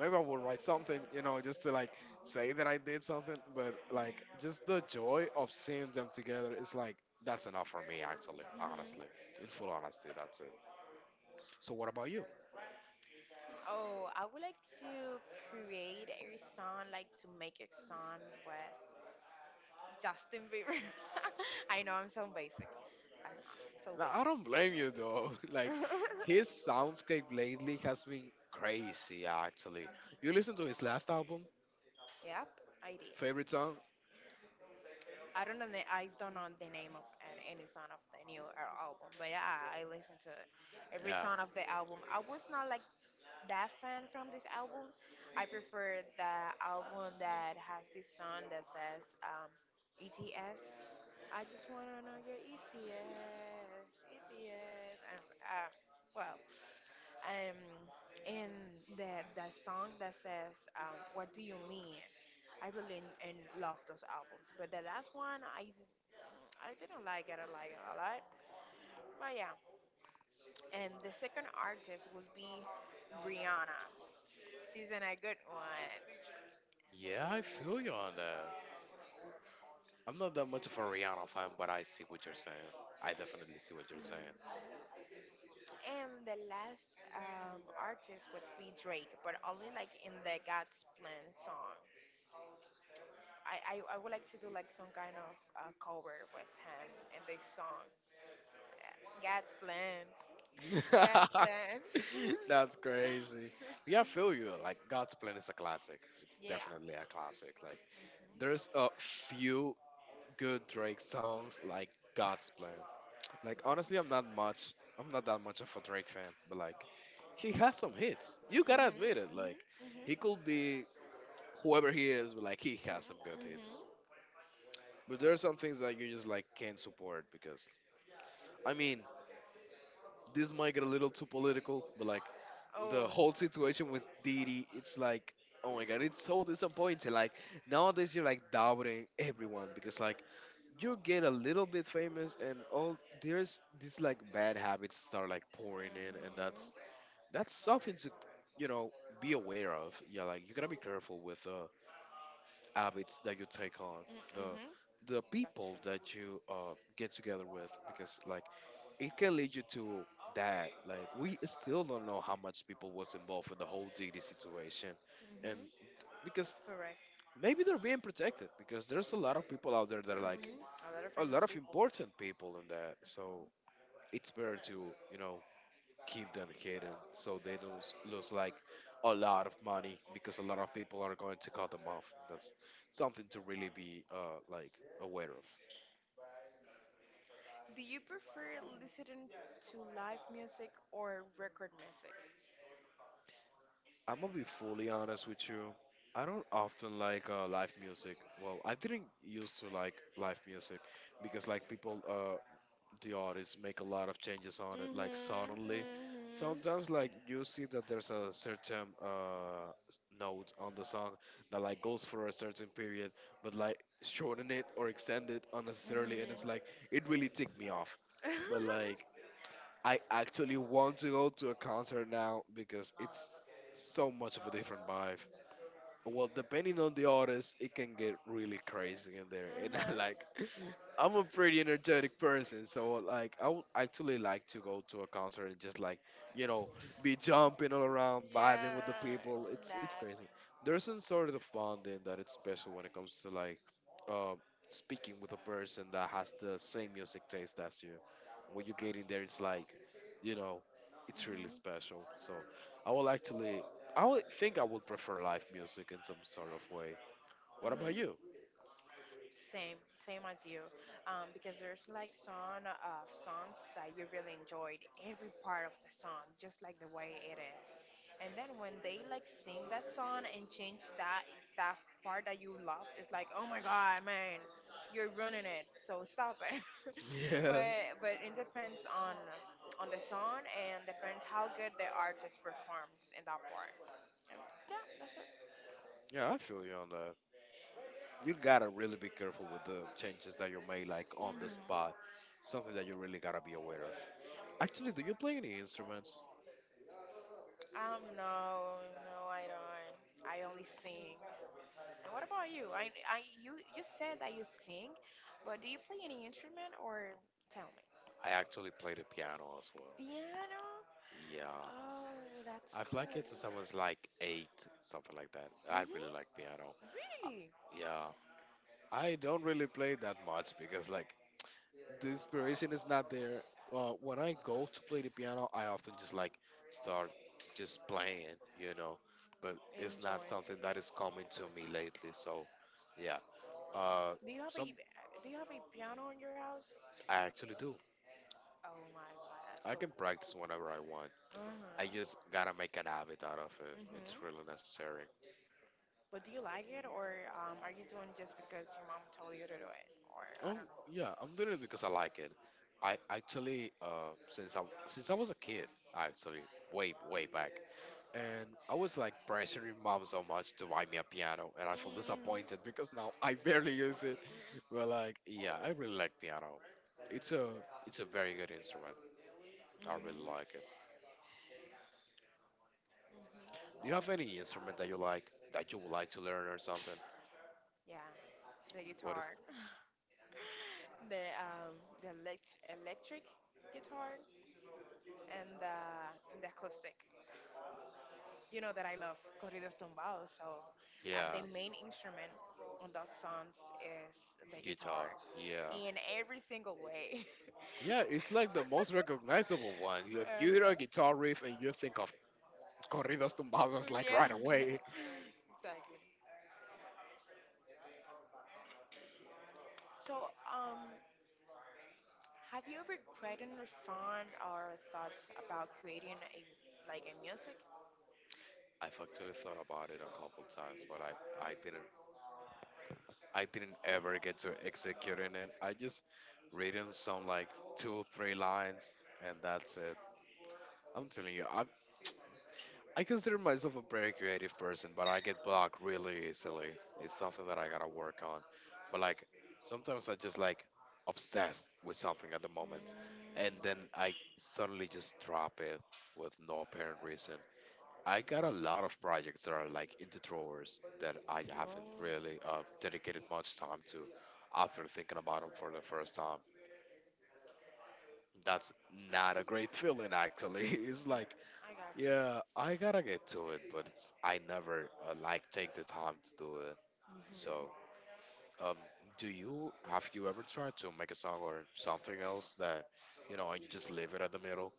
S2: maybe I will write something, you know, just to like say that I did something. But like just the joy of seeing them together is like that's enough for me. Actually,
S1: Mhm.
S2: honestly, in full honesty, that's it. So what about you?
S1: Oh, I would like to create a song, like to make a song with Justin Bieber. [laughs] I know I'm so basic. I'm so
S2: Now, I
S1: basic.
S2: don't blame you though. [laughs] Like his soundscape
S1: [laughs]
S2: lately has been crazy. Actually, you listen to his last album.
S1: Yep, I did.
S2: Favorite song?
S1: I don't know. The, I don't know the name of an, any song of the new album, but yeah, I listened to every
S2: Yeah.
S1: song of the album. I was not like that fan from this album. I prefer the album that has this song that says ETS. I just wanna know your ETS, ETS, and well, um, and the song that says what do you mean? I really and love those albums, but the last one I didn't like it. I like it a lot, but yeah. And the second artist would be Rihanna. She's in a good one.
S2: Yeah, I feel you on that. I'm not that much of a Rihanna fan, but I see what you're saying. I definitely see what you're
S1: And the last artist would be Drake, but only like in the God's Plan song. I would like to do like some kind of cover with him in this song. God's Plan. God's Plan.
S2: saying. [laughs] That's crazy. Yeah, I feel you. Like God's Plan is a classic. It's
S1: [laughs] Yeah.
S2: definitely a classic. Like there's a few good Drake songs like God's Plan. Like honestly, I'm not much. I'm not that much of a Drake fan, but like he has some hits. You
S1: Mm-hmm,
S2: gotta admit it.
S1: hmm,
S2: Like
S1: hmm,
S2: he could
S1: hmm.
S2: be whoever he is, but like he has some good hits. But there are some things that you just like can't support because I mean this might get a little too political, but like
S1: Oh.
S2: the whole situation with Didi, it's like oh my god, it's so disappointing. Like nowadays you're like doubting everyone because like you get a little bit famous and all there's these like bad habits start like pouring in, and that's something to you know be aware of. Yeah, like you gotta be careful with habits that you take on,
S1: Mm-hmm.
S2: the
S1: Hmm.
S2: the
S1: That's
S2: people
S1: true.
S2: that you get together with, because like it can lead you to that. Like we still don't know how much people was involved in the whole DD situation, and
S1: Hmm.
S2: because
S1: That's correct.
S2: maybe they're being
S1: Hmm.
S2: protected because there's a lot of people out there that are like
S1: A lot of
S2: a
S1: famous
S2: lot of
S1: people.
S2: important people in that. So it's better to you know keep them hidden so they don't lose like a lot of money because a lot of people are going to cut them off. That's something to really be like aware of.
S1: Do you prefer listening to live music or record music?
S2: I'm gonna be fully honest with you. I don't often like live music. Well, I didn't used to like live music because like people the artists make a lot of changes on it like
S1: Mhm.
S2: suddenly
S1: Mhm.
S2: sometimes like you see that there's a certain note on the song that like goes for a certain period but like shorten it or extend it unnecessarily, and
S1: Mhm.
S2: it's like it really ticked me off, but like
S1: [laughs]
S2: I actually want to go to a concert now because it's so much of a different vibe, well, depending on the artist, it can get really crazy in there. And I like,
S1: Mhm.
S2: [laughs] I'm a pretty energetic person, so like, I would actually like to go to a concert and just like, you know, be jumping all around, vibing with the
S1: Yeah.
S2: people.
S1: Love.
S2: It's crazy. There's some sort of bonding that it's special when it comes to like, uh, speaking with a person that has the same music taste as you. When you get in there, it's like, you know, it's really
S1: Mhm.
S2: special. So I will actually I would think I would prefer live music in some sort of way. What about you?
S1: Mhm. Same, same as you, because there's like some of songs that you really enjoyed every part of the song, just like the way it is. And then when they like sing that song and change that that part that you loved, it's like, oh my god, man, you're ruining it. So stop it. [laughs]
S2: [laughs] Yeah.
S1: But it depends on the song, and depends how good the artist performs in that part. Yeah, that's it.
S2: Yeah, I feel you on that. You gotta really be careful with the changes that you make, like on the
S1: Mhm.
S2: spot. Something that you really gotta be aware of. Actually, do you play any instruments?
S1: No, no, I don't. I only sing. And what about you? I, you said that you sing, but do you play any instrument, or tell me?
S2: I actually play the piano as well.
S1: Piano?
S2: Yeah,
S1: Oh, that's
S2: I've
S1: cool.
S2: liked it since I was like eight, something like that. I
S1: Mhm.
S2: really like piano. I,
S1: Really
S2: yeah, I don't really play that much because like the inspiration is not there. Well, when I go to play the piano, I often just like start just playing, you know. But it's not
S1: enjoying
S2: something
S1: it.
S2: that is coming to me lately. So, yeah. Uh,
S1: Do you have a,
S2: some
S1: do you have a piano in your house?
S2: I actually do.
S1: Oh my God, that's
S2: I
S1: so
S2: can
S1: cool.
S2: practice whenever I want.
S1: Mhm.
S2: I just gotta make an habit out of it. It's
S1: Mhm.
S2: really necessary.
S1: But do you like it, or are you doing just because your mom told you to do it, or I
S2: Oh
S1: don't know?
S2: yeah, I'm doing it because I like it. I actually since I was a kid, actually way way back. And I was like pressuring mom so much to buy me a piano, and I feel disappointed
S1: Mhm.
S2: because now [laughs] I barely use it. [laughs] But like, yeah, I really like piano. It's a it's a very good instrument. I really
S1: Mhm.
S2: like it.
S1: Hmm,
S2: Do you have any instrument that you like that you would like to learn or something?
S1: yeah, the
S2: What is?
S1: guitar, [laughs] the um, the electric guitar, and the and the acoustic. You know that I love corridos tumbados, so
S2: Yeah,
S1: the main instrument on those songs is the guitar,
S2: guitar. Yeah,
S1: in every single way.
S2: yeah. It's like the most
S1: [laughs]
S2: recognizable one. Like you hear a
S1: Uh-huh.
S2: guitar riff and you think of corridos tumbados like
S1: Yeah,
S2: right
S1: [laughs]
S2: away.
S1: exactly. So, have you ever created a song or thoughts about creating a like a music?
S2: I've actually thought about it a couple times, but I didn't I didn't ever get to executing it. I just written some like two, three lines, and that's it. I'm telling you, I consider myself a very creative person, but I get blocked really easily. It's something that I gotta work on. But like sometimes I just like obsessed with something at the moment,
S1: Mm,
S2: and then I suddenly just drop it with no apparent reason. I got a lot of projects that are like in the drawers that I haven't
S1: whoa,
S2: really dedicated much time to after thinking about them for the first time. That's not a great feeling, actually. [laughs] It's like,
S1: I got you.
S2: yeah, I gotta get to it, but it's, I never like take the time to do it. So,
S1: Hmm.
S2: um, do you have you ever tried to make a song or something else that you know, and you just leave it at the middle?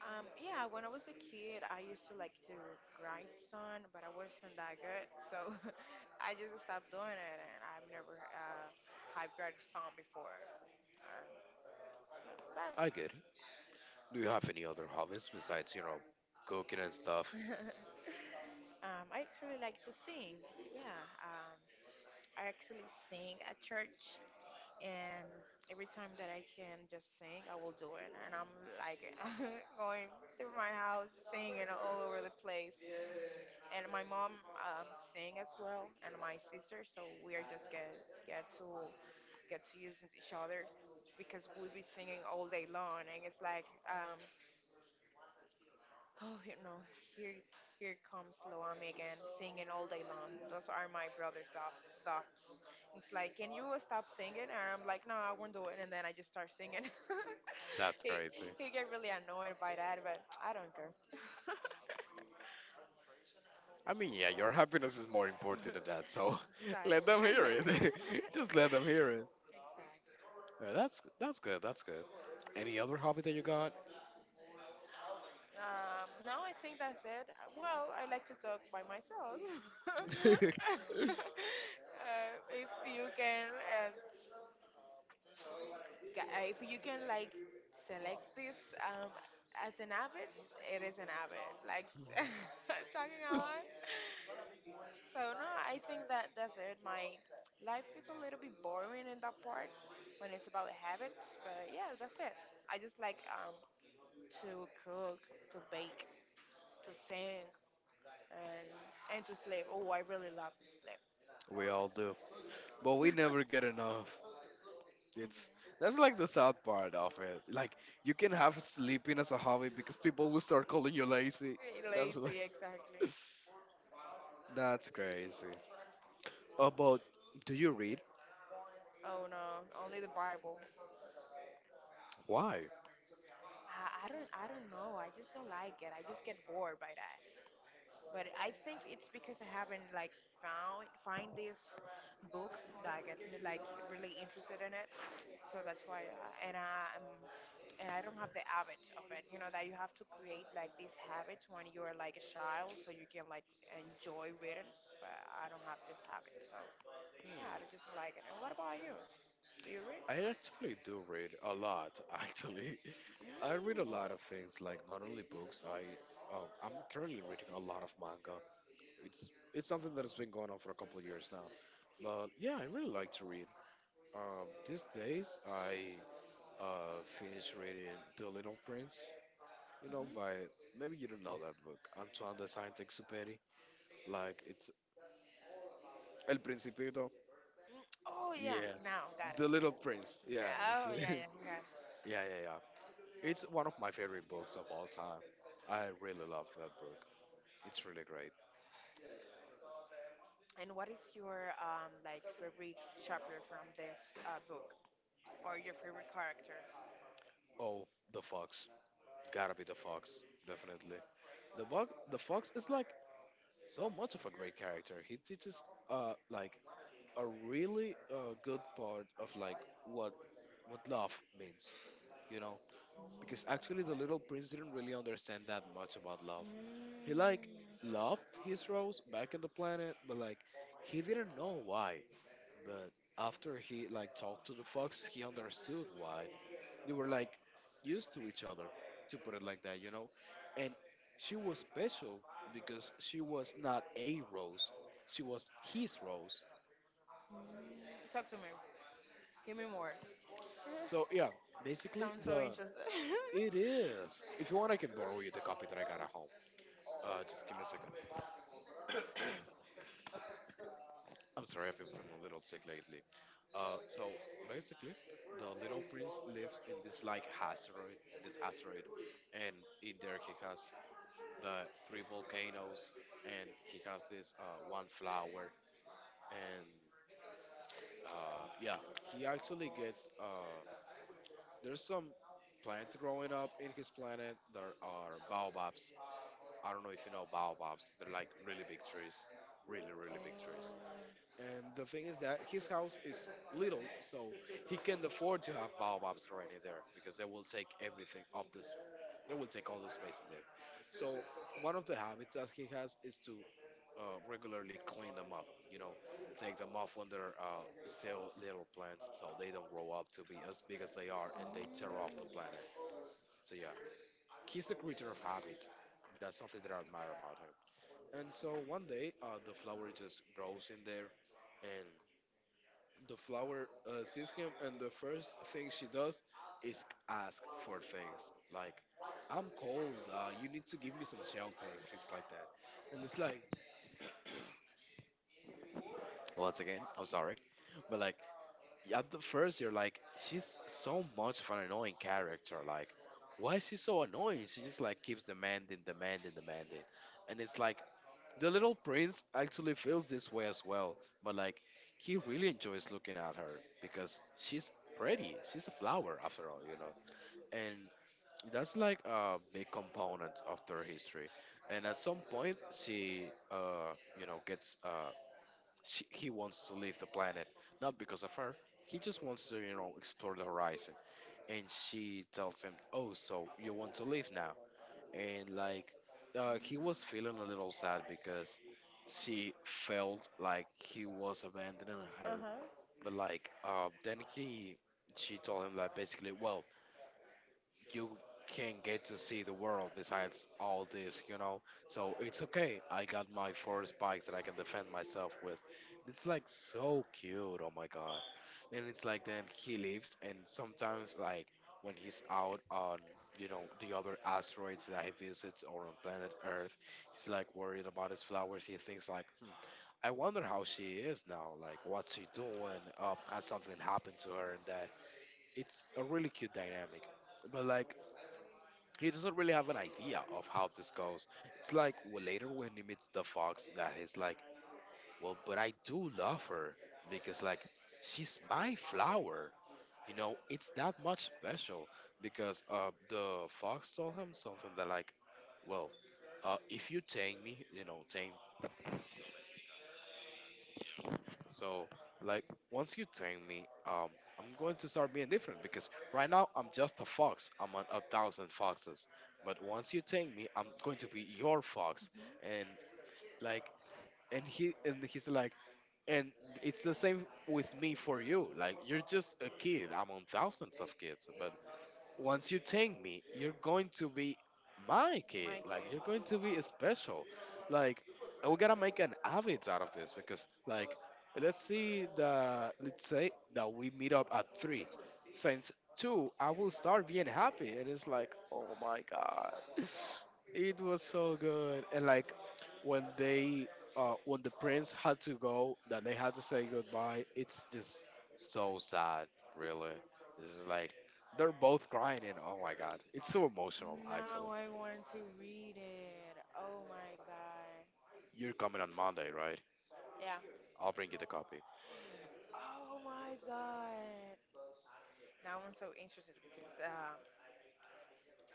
S1: Yeah, when I was a kid, I used to like to grind sun, but I wasn't that good, so [laughs] I just stopped doing it, and I've never high grinded sun before. Uh, but
S2: I get it. Do you have any other hobbies besides cooking and stuff?
S1: [laughs] I actually like to sing. Yeah, I actually sing at church, and every time that I can just sing, I will do it. And I'm like [laughs] going through my house singing all over the place. And my mom sing as well, and my sister. So we are just get to get to using each other because we will be singing all day long, and it's like oh, you know, here here comes Loami again, singing all day long. Those are my brother's thoughts. Dogs. It's like, can you stop singing? And I'm like, no, I won't do it. And then I just start singing.
S2: That's
S1: [laughs] he
S2: crazy.
S1: he get really annoyed by that, but I don't care. [laughs]
S2: I mean, yeah, your happiness is more important than that, so [laughs] let
S1: Exactly.
S2: them hear it.
S1: [laughs]
S2: [laughs] Just let them hear it. That's good. That's good. Any other hobby that you got?
S1: Now I think that's it. Well, I like to talk by myself. [laughs] uh,
S2: [laughs]
S1: if you can uh, if you can like select this as an habit, it is an habit. Like [laughs] talking a lot. So no, I think that's it. My life is a little bit boring in that part when it's about habits, but yeah, that's it. I just like to cook, to bake, to sing, and to sleep. Oh, I really love to sleep.
S2: We all do, but we never get enough. It's that's like the sad part of it. Like you can have sleeping as a hobby because people will start calling you lazy.
S1: [laughs]
S2: That's like
S1: Lazy, exactly.
S2: [laughs] that's crazy. About Do you read?
S1: Oh no, only the Bible.
S2: Why?
S1: I don't I don't know. I just don't like it. I just get bored by that. But I think it's because I haven't like found find this book that I get like really interested in it. So that's why. And I um, and I don't have the habit of it. You know that you have to create like these habits when you're like a child, so you can like enjoy reading. But I don't have this habit, so yeah, I just don't like it. And what about you? Do you read?
S2: I actually do read a lot, [laughs] actually.
S1: Mm.
S2: I read a lot of things, like not only books. I'm currently reading a lot of manga. It's something that has been going on for a couple of years now. But yeah, I really like to read. These days, I finished reading The Little Prince. You know,
S1: Mhm.
S2: by maybe you don't know that book, Antoine de Saint-Exupéry. Like it's El Principito.
S1: Mm. Oh yeah,
S2: Yeah,
S1: now got
S2: The
S1: it.
S2: Little Prince. Yeah,
S1: Oh
S2: [laughs] yeah,
S1: yeah, yeah, yeah.
S2: yeah, yeah. It's one of my favorite books of all time. I really love that book. It's really great.
S1: And what is your like favorite chapter from this book or your favorite character?
S2: Oh, the fox. Gotta be the fox, definitely. The fox is like so much of a great character. He teaches like a really good part of like what what love means, you know? Because actually the little prince didn't really understand that much about love.
S1: Mm, mm.
S2: He like loved his rose back in the planet, but like he didn't know why. But after he like talked to the fox, he understood why they were like used to each other, to put it like that, you know? And she was special because she was not a rose, she was his rose.
S1: Talk to me. Give me more. [laughs]
S2: So, yeah, basically,
S1: Sounds so
S2: the.
S1: interesting. [laughs]
S2: It is. If you want, I can borrow you the copy that I got at home. Just give me a second. I'm sorry, I've been feeling a little sick lately. So basically, the little prince lives in this like asteroid, in this asteroid, and in there he has the three volcanoes, and he has this one flower. And yeah, he actually gets there's some plants growing up in his planet. There are baobabs. I don't know if you know baobabs. They're like really big trees, really really big trees.
S1: Oh.
S2: And the thing is that his house is little, so he can afford to have baobabs growing in there because they will take everything off this. They will take all the space in there. So one of the habits that he has is to regularly clean them up, take them off when they're still little plants so they don't grow up to be as big as they are and
S1: Mm.
S2: they tear off the planet. So, yeah, he's a creature of habit. That's something that I admire about him. And so one day, the flower just grows in there, and the flower sees him, and the first thing she does is ask for things like, "I'm cold. You need to give me some shelter and things like that." And it's like, once again, I'm sorry, but like, yeah, at the first you're like, she's so much of an annoying character, like, why is she so annoying? She just like keeps demanding, demanding, demanding, and it's like the little prince actually feels this way as well. But like he really enjoys looking at her because she's pretty. She's a flower after all, you know? And that's like a big component of their history. And at some point, she you know gets she, he wants to leave the planet, not because of her. He just wants to explore the horizon. And she tells him, oh, so you want to leave now. And like he was feeling a little sad because she felt like he was abandoning
S1: Uh
S2: her.
S1: huh.
S2: But like then he she told him, like, basically, well, you can get to see the world besides all this, you know? So it's okay. I got my four spikes that I can defend myself with. It's like so cute, oh my god. And it's like then he leaves, and sometimes like when he's out on the other asteroids that he visits or on planet Earth, he's like worried about his flowers. He thinks like, hmm, I wonder how she is now. Like, what's she doing? Has something happened to her? And that it's a really cute dynamic. But like he doesn't really have an idea of how this goes. It's like, well, later when he meets the fox, that he's like, well, but I do love her because like she's my flower. You know, it's that much special because the fox told him something that, like, well, if you tame me, you know, tame. So like once you tame me, I'm going to start being different because right now I'm just a fox. I'm on a thousand foxes. But once you tame me, I'm going to be your fox, and like and he and he's like and it's the same with me for you. Like, you're just a kid among thousands of kids, but once you take me, you're going to be my kid.
S1: My
S2: Like,
S1: kid.
S2: you're going to be special. Like, we gotta make an habit out of this because like let's see the let's say that we meet up at three. Since two, I will start being happy, and it's like, oh my god, [sighs] [laughs] it was so good. And like when they when the prince had to go, that they had to say goodbye. It's just so sad, really. This is like they're both crying. And oh my god. It's so emotional,
S1: Now
S2: actually.
S1: I want to read it. Oh my god.
S2: You're coming on Monday, right?
S1: Yeah.
S2: I'll bring you the copy.
S1: Oh my god. Now I'm so interested because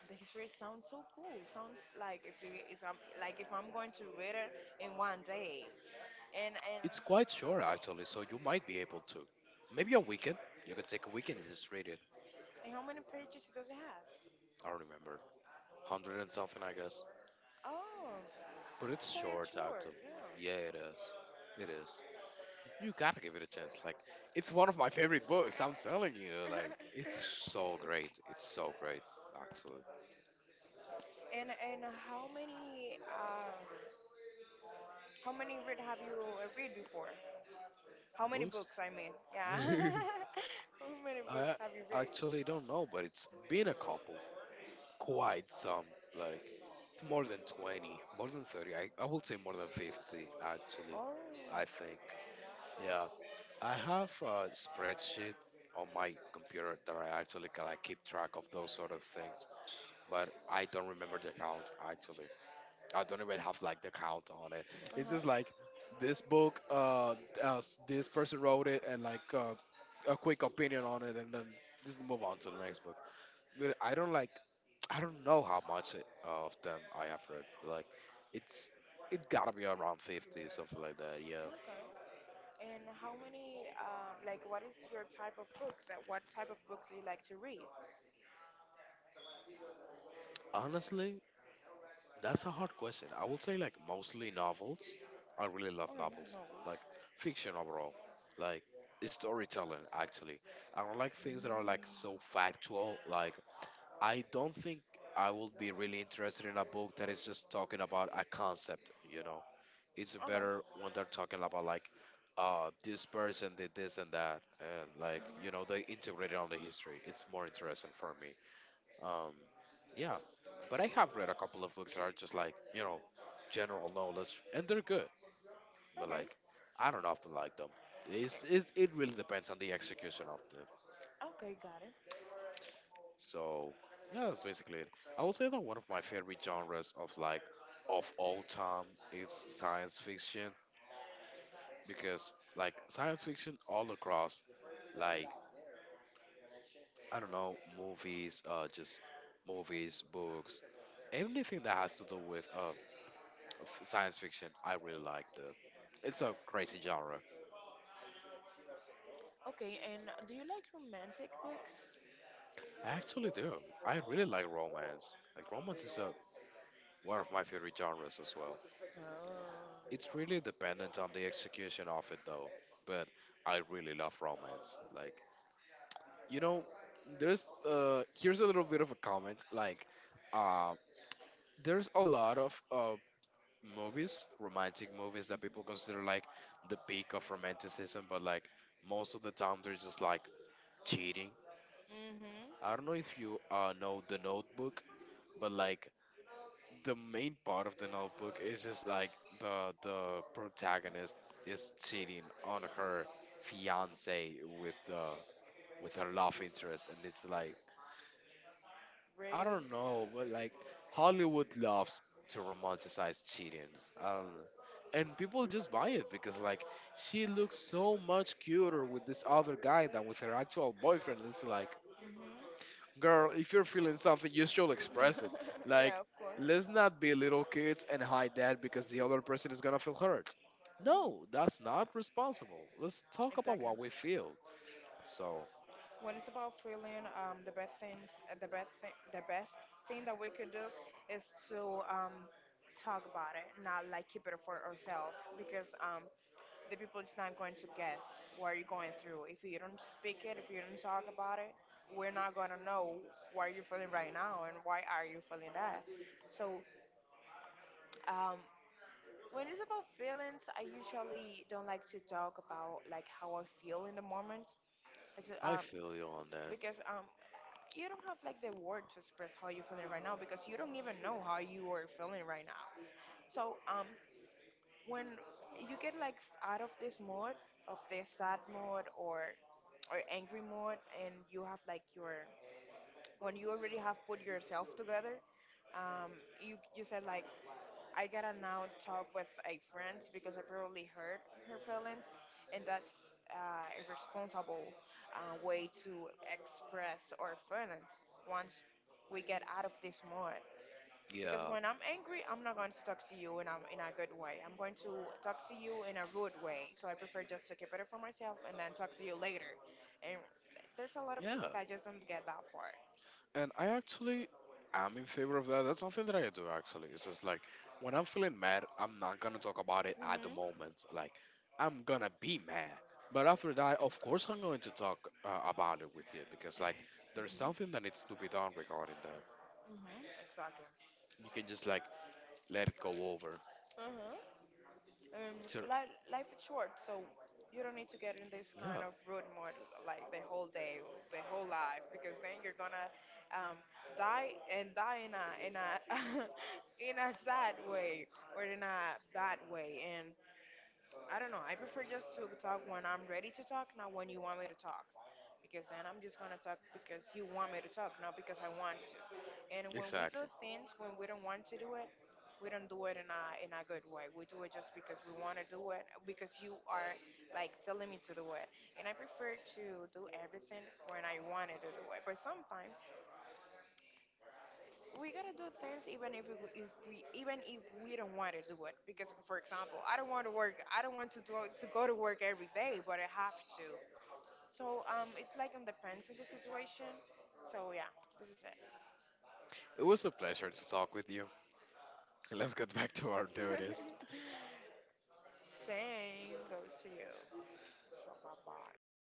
S1: the history sounds so cool. Sounds like if you if I'm like if I'm going to read it in one day. And and,
S2: It's quite short, actually, so you might be able to. Maybe a weekend. You can take a weekend and just read it.
S1: and how many pages does it have?
S2: I don't remember. 100 and something, I guess.
S1: Oh,
S2: But it's
S1: it's quite a
S2: short,
S1: chore.
S2: actually.
S1: Yeah.
S2: Yeah, it is. It is. You gotta give it a chance. Like, it's one of my favorite books. I'm telling you. Like,
S1: [laughs]
S2: it's so great. It's so great, actually.
S1: And how many read have you read before? How many
S2: Books?
S1: books I mean? Yeah.
S2: [laughs]
S1: [laughs] How many books
S2: I
S1: have you read?
S2: actually don't know, but it's been a couple. Quite some. Like it's more than 20, more than 30. I will say more than 50 actually.
S1: Oh.
S2: I think. Yeah, I have a spreadsheet on my computer that I actually can like keep track of those sort of things. But I don't remember the count actually. I don't even have like the count on it.
S1: Uh
S2: It's
S1: huh.
S2: just like this book, uh this person wrote it, and like a quick opinion on it, and then just move on to the next book. Dude, I don't like. I don't know how much of them I have read. Like, it's it gotta be around 50, something like that. Yeah.
S1: Okay. And how many like what is your type of books? That what type of books do you like to read?
S2: Honestly, that's a hard question. I would say like mostly novels. I really love
S1: Okay, no
S2: novels, like
S1: worries.
S2: fiction overall, like storytelling actually. I don't like things that are
S1: Mm,
S2: like so factual. Like, I don't think I would be really interested in a book that is just talking about a concept. You know, it's
S1: okay,
S2: better when they're talking about like this person did this and that, and like they integrate it on the history. It's more interesting for me. um yeah. But I have read a couple of books that are just like, general knowledge, and they're good. But
S1: okay,
S2: like I don't often like them. It really depends on the execution of them.
S1: okay, got it.
S2: So, yeah, that's basically it. I will say that one of my favorite genres of all time is science fiction because like science fiction all across, like, I don't know, movies, just movies, books, anything that has to do with science fiction. I really like it. It's a crazy genre.
S1: Okay, and do you like romantic books?
S2: I actually do. I really like romance. Like romance is a one of my favorite genres as well. It's
S1: Oh.
S2: really dependent on the execution of it though. But I really love romance. Like, you know, there's here's a little bit of a comment, like um. There's a lot of romantic movies that people consider like the peak of romanticism, but like most of the time they're just like cheating.
S1: Mm-hmm.
S2: I don't know if you know The Notebook, but like the main part of The Notebook is just like the protagonist is cheating on her fiance with uh, with her love interest, and it's like, I
S1: Really?
S2: don't know, but like Hollywood loves to romanticize cheating. I don't know. And people just buy it because like she looks so much cuter with this other guy than with her actual boyfriend. It's like,
S1: Mm-hmm.
S2: girl, if you're feeling something, you should express it.
S1: [laughs]
S2: Like,
S1: Yeah, of course.
S2: let's not be little kids and hide that because the other person is gonna feel hurt. No, that's not responsible. Let's talk about
S1: Exactly.
S2: what we feel. So
S1: When it's about feeling, the best thing that we could do is to talk about it, not like keep it for ourselves, because the people is not going to guess what you're going through. If you don't speak it, if you don't talk about it, we're not gonna know what you're feeling right now and why are you feeling that. So um, when it's about feelings, I usually don't like to talk about like how I feel in the moment. I just,
S2: I
S1: um,
S2: feel you on that.
S1: because you don't have like the word to express how you're feeling right now because you don't even know how you are feeling right now. So when you get like out of this mode, of this sad mode or angry mode, and you have like your when you already have put yourself together, um, you you said like, I gotta now talk with a friend because I probably hurt her feelings, and that's a responsible way to express our feelings once we get out of this mode. Because
S2: Yeah.
S1: when I'm angry, I'm not going to talk to you in a good way. I'm going to talk to you in a rude way. So I prefer just to keep it for myself and then talk to you later. And there's a lot of
S2: Yeah.
S1: people that just don't get that part.
S2: And I actually am in favor of that. That's something that I do actually. It's just like when I'm feeling mad, I'm not gonna talk about it at the
S1: Mhm.
S2: moment. Like I'm gonna be mad, but after that, of course, I'm going to talk about it with you because like there's something
S1: Mhm.
S2: that needs to be done regarding that.
S1: Mhm. Exactly.
S2: You can just like let it go over.
S1: Uh-huh. Um,
S2: So,
S1: life, life is short, so you don't need to get in this kind
S2: yeah,
S1: of rude mode like the whole day, or the whole life, because then you're gonna um, die and die in a [laughs] in a sad way or in a bad way, and I don't know. I prefer just to talk when I'm ready to talk, not when you want me to talk. Because then I'm just gonna talk because you want me to talk, not because I want to. And when we do
S2: exactly.
S1: things when we don't want to do it, we don't do it in a good way. We do it just because we want to do it, because you are like telling me to do it. And I prefer to do everything when I wanted to do it. But sometimes we gotta do things even if we even if we don't want to do it, because for example I don't want to work, I don't want to do, to go to work every day, but I have to. So it like it depends on the situation. So yeah, this is it.
S2: It was a pleasure to talk with you. [laughs] Let's get back to our duties.
S1: Same goes to you, so bye bye.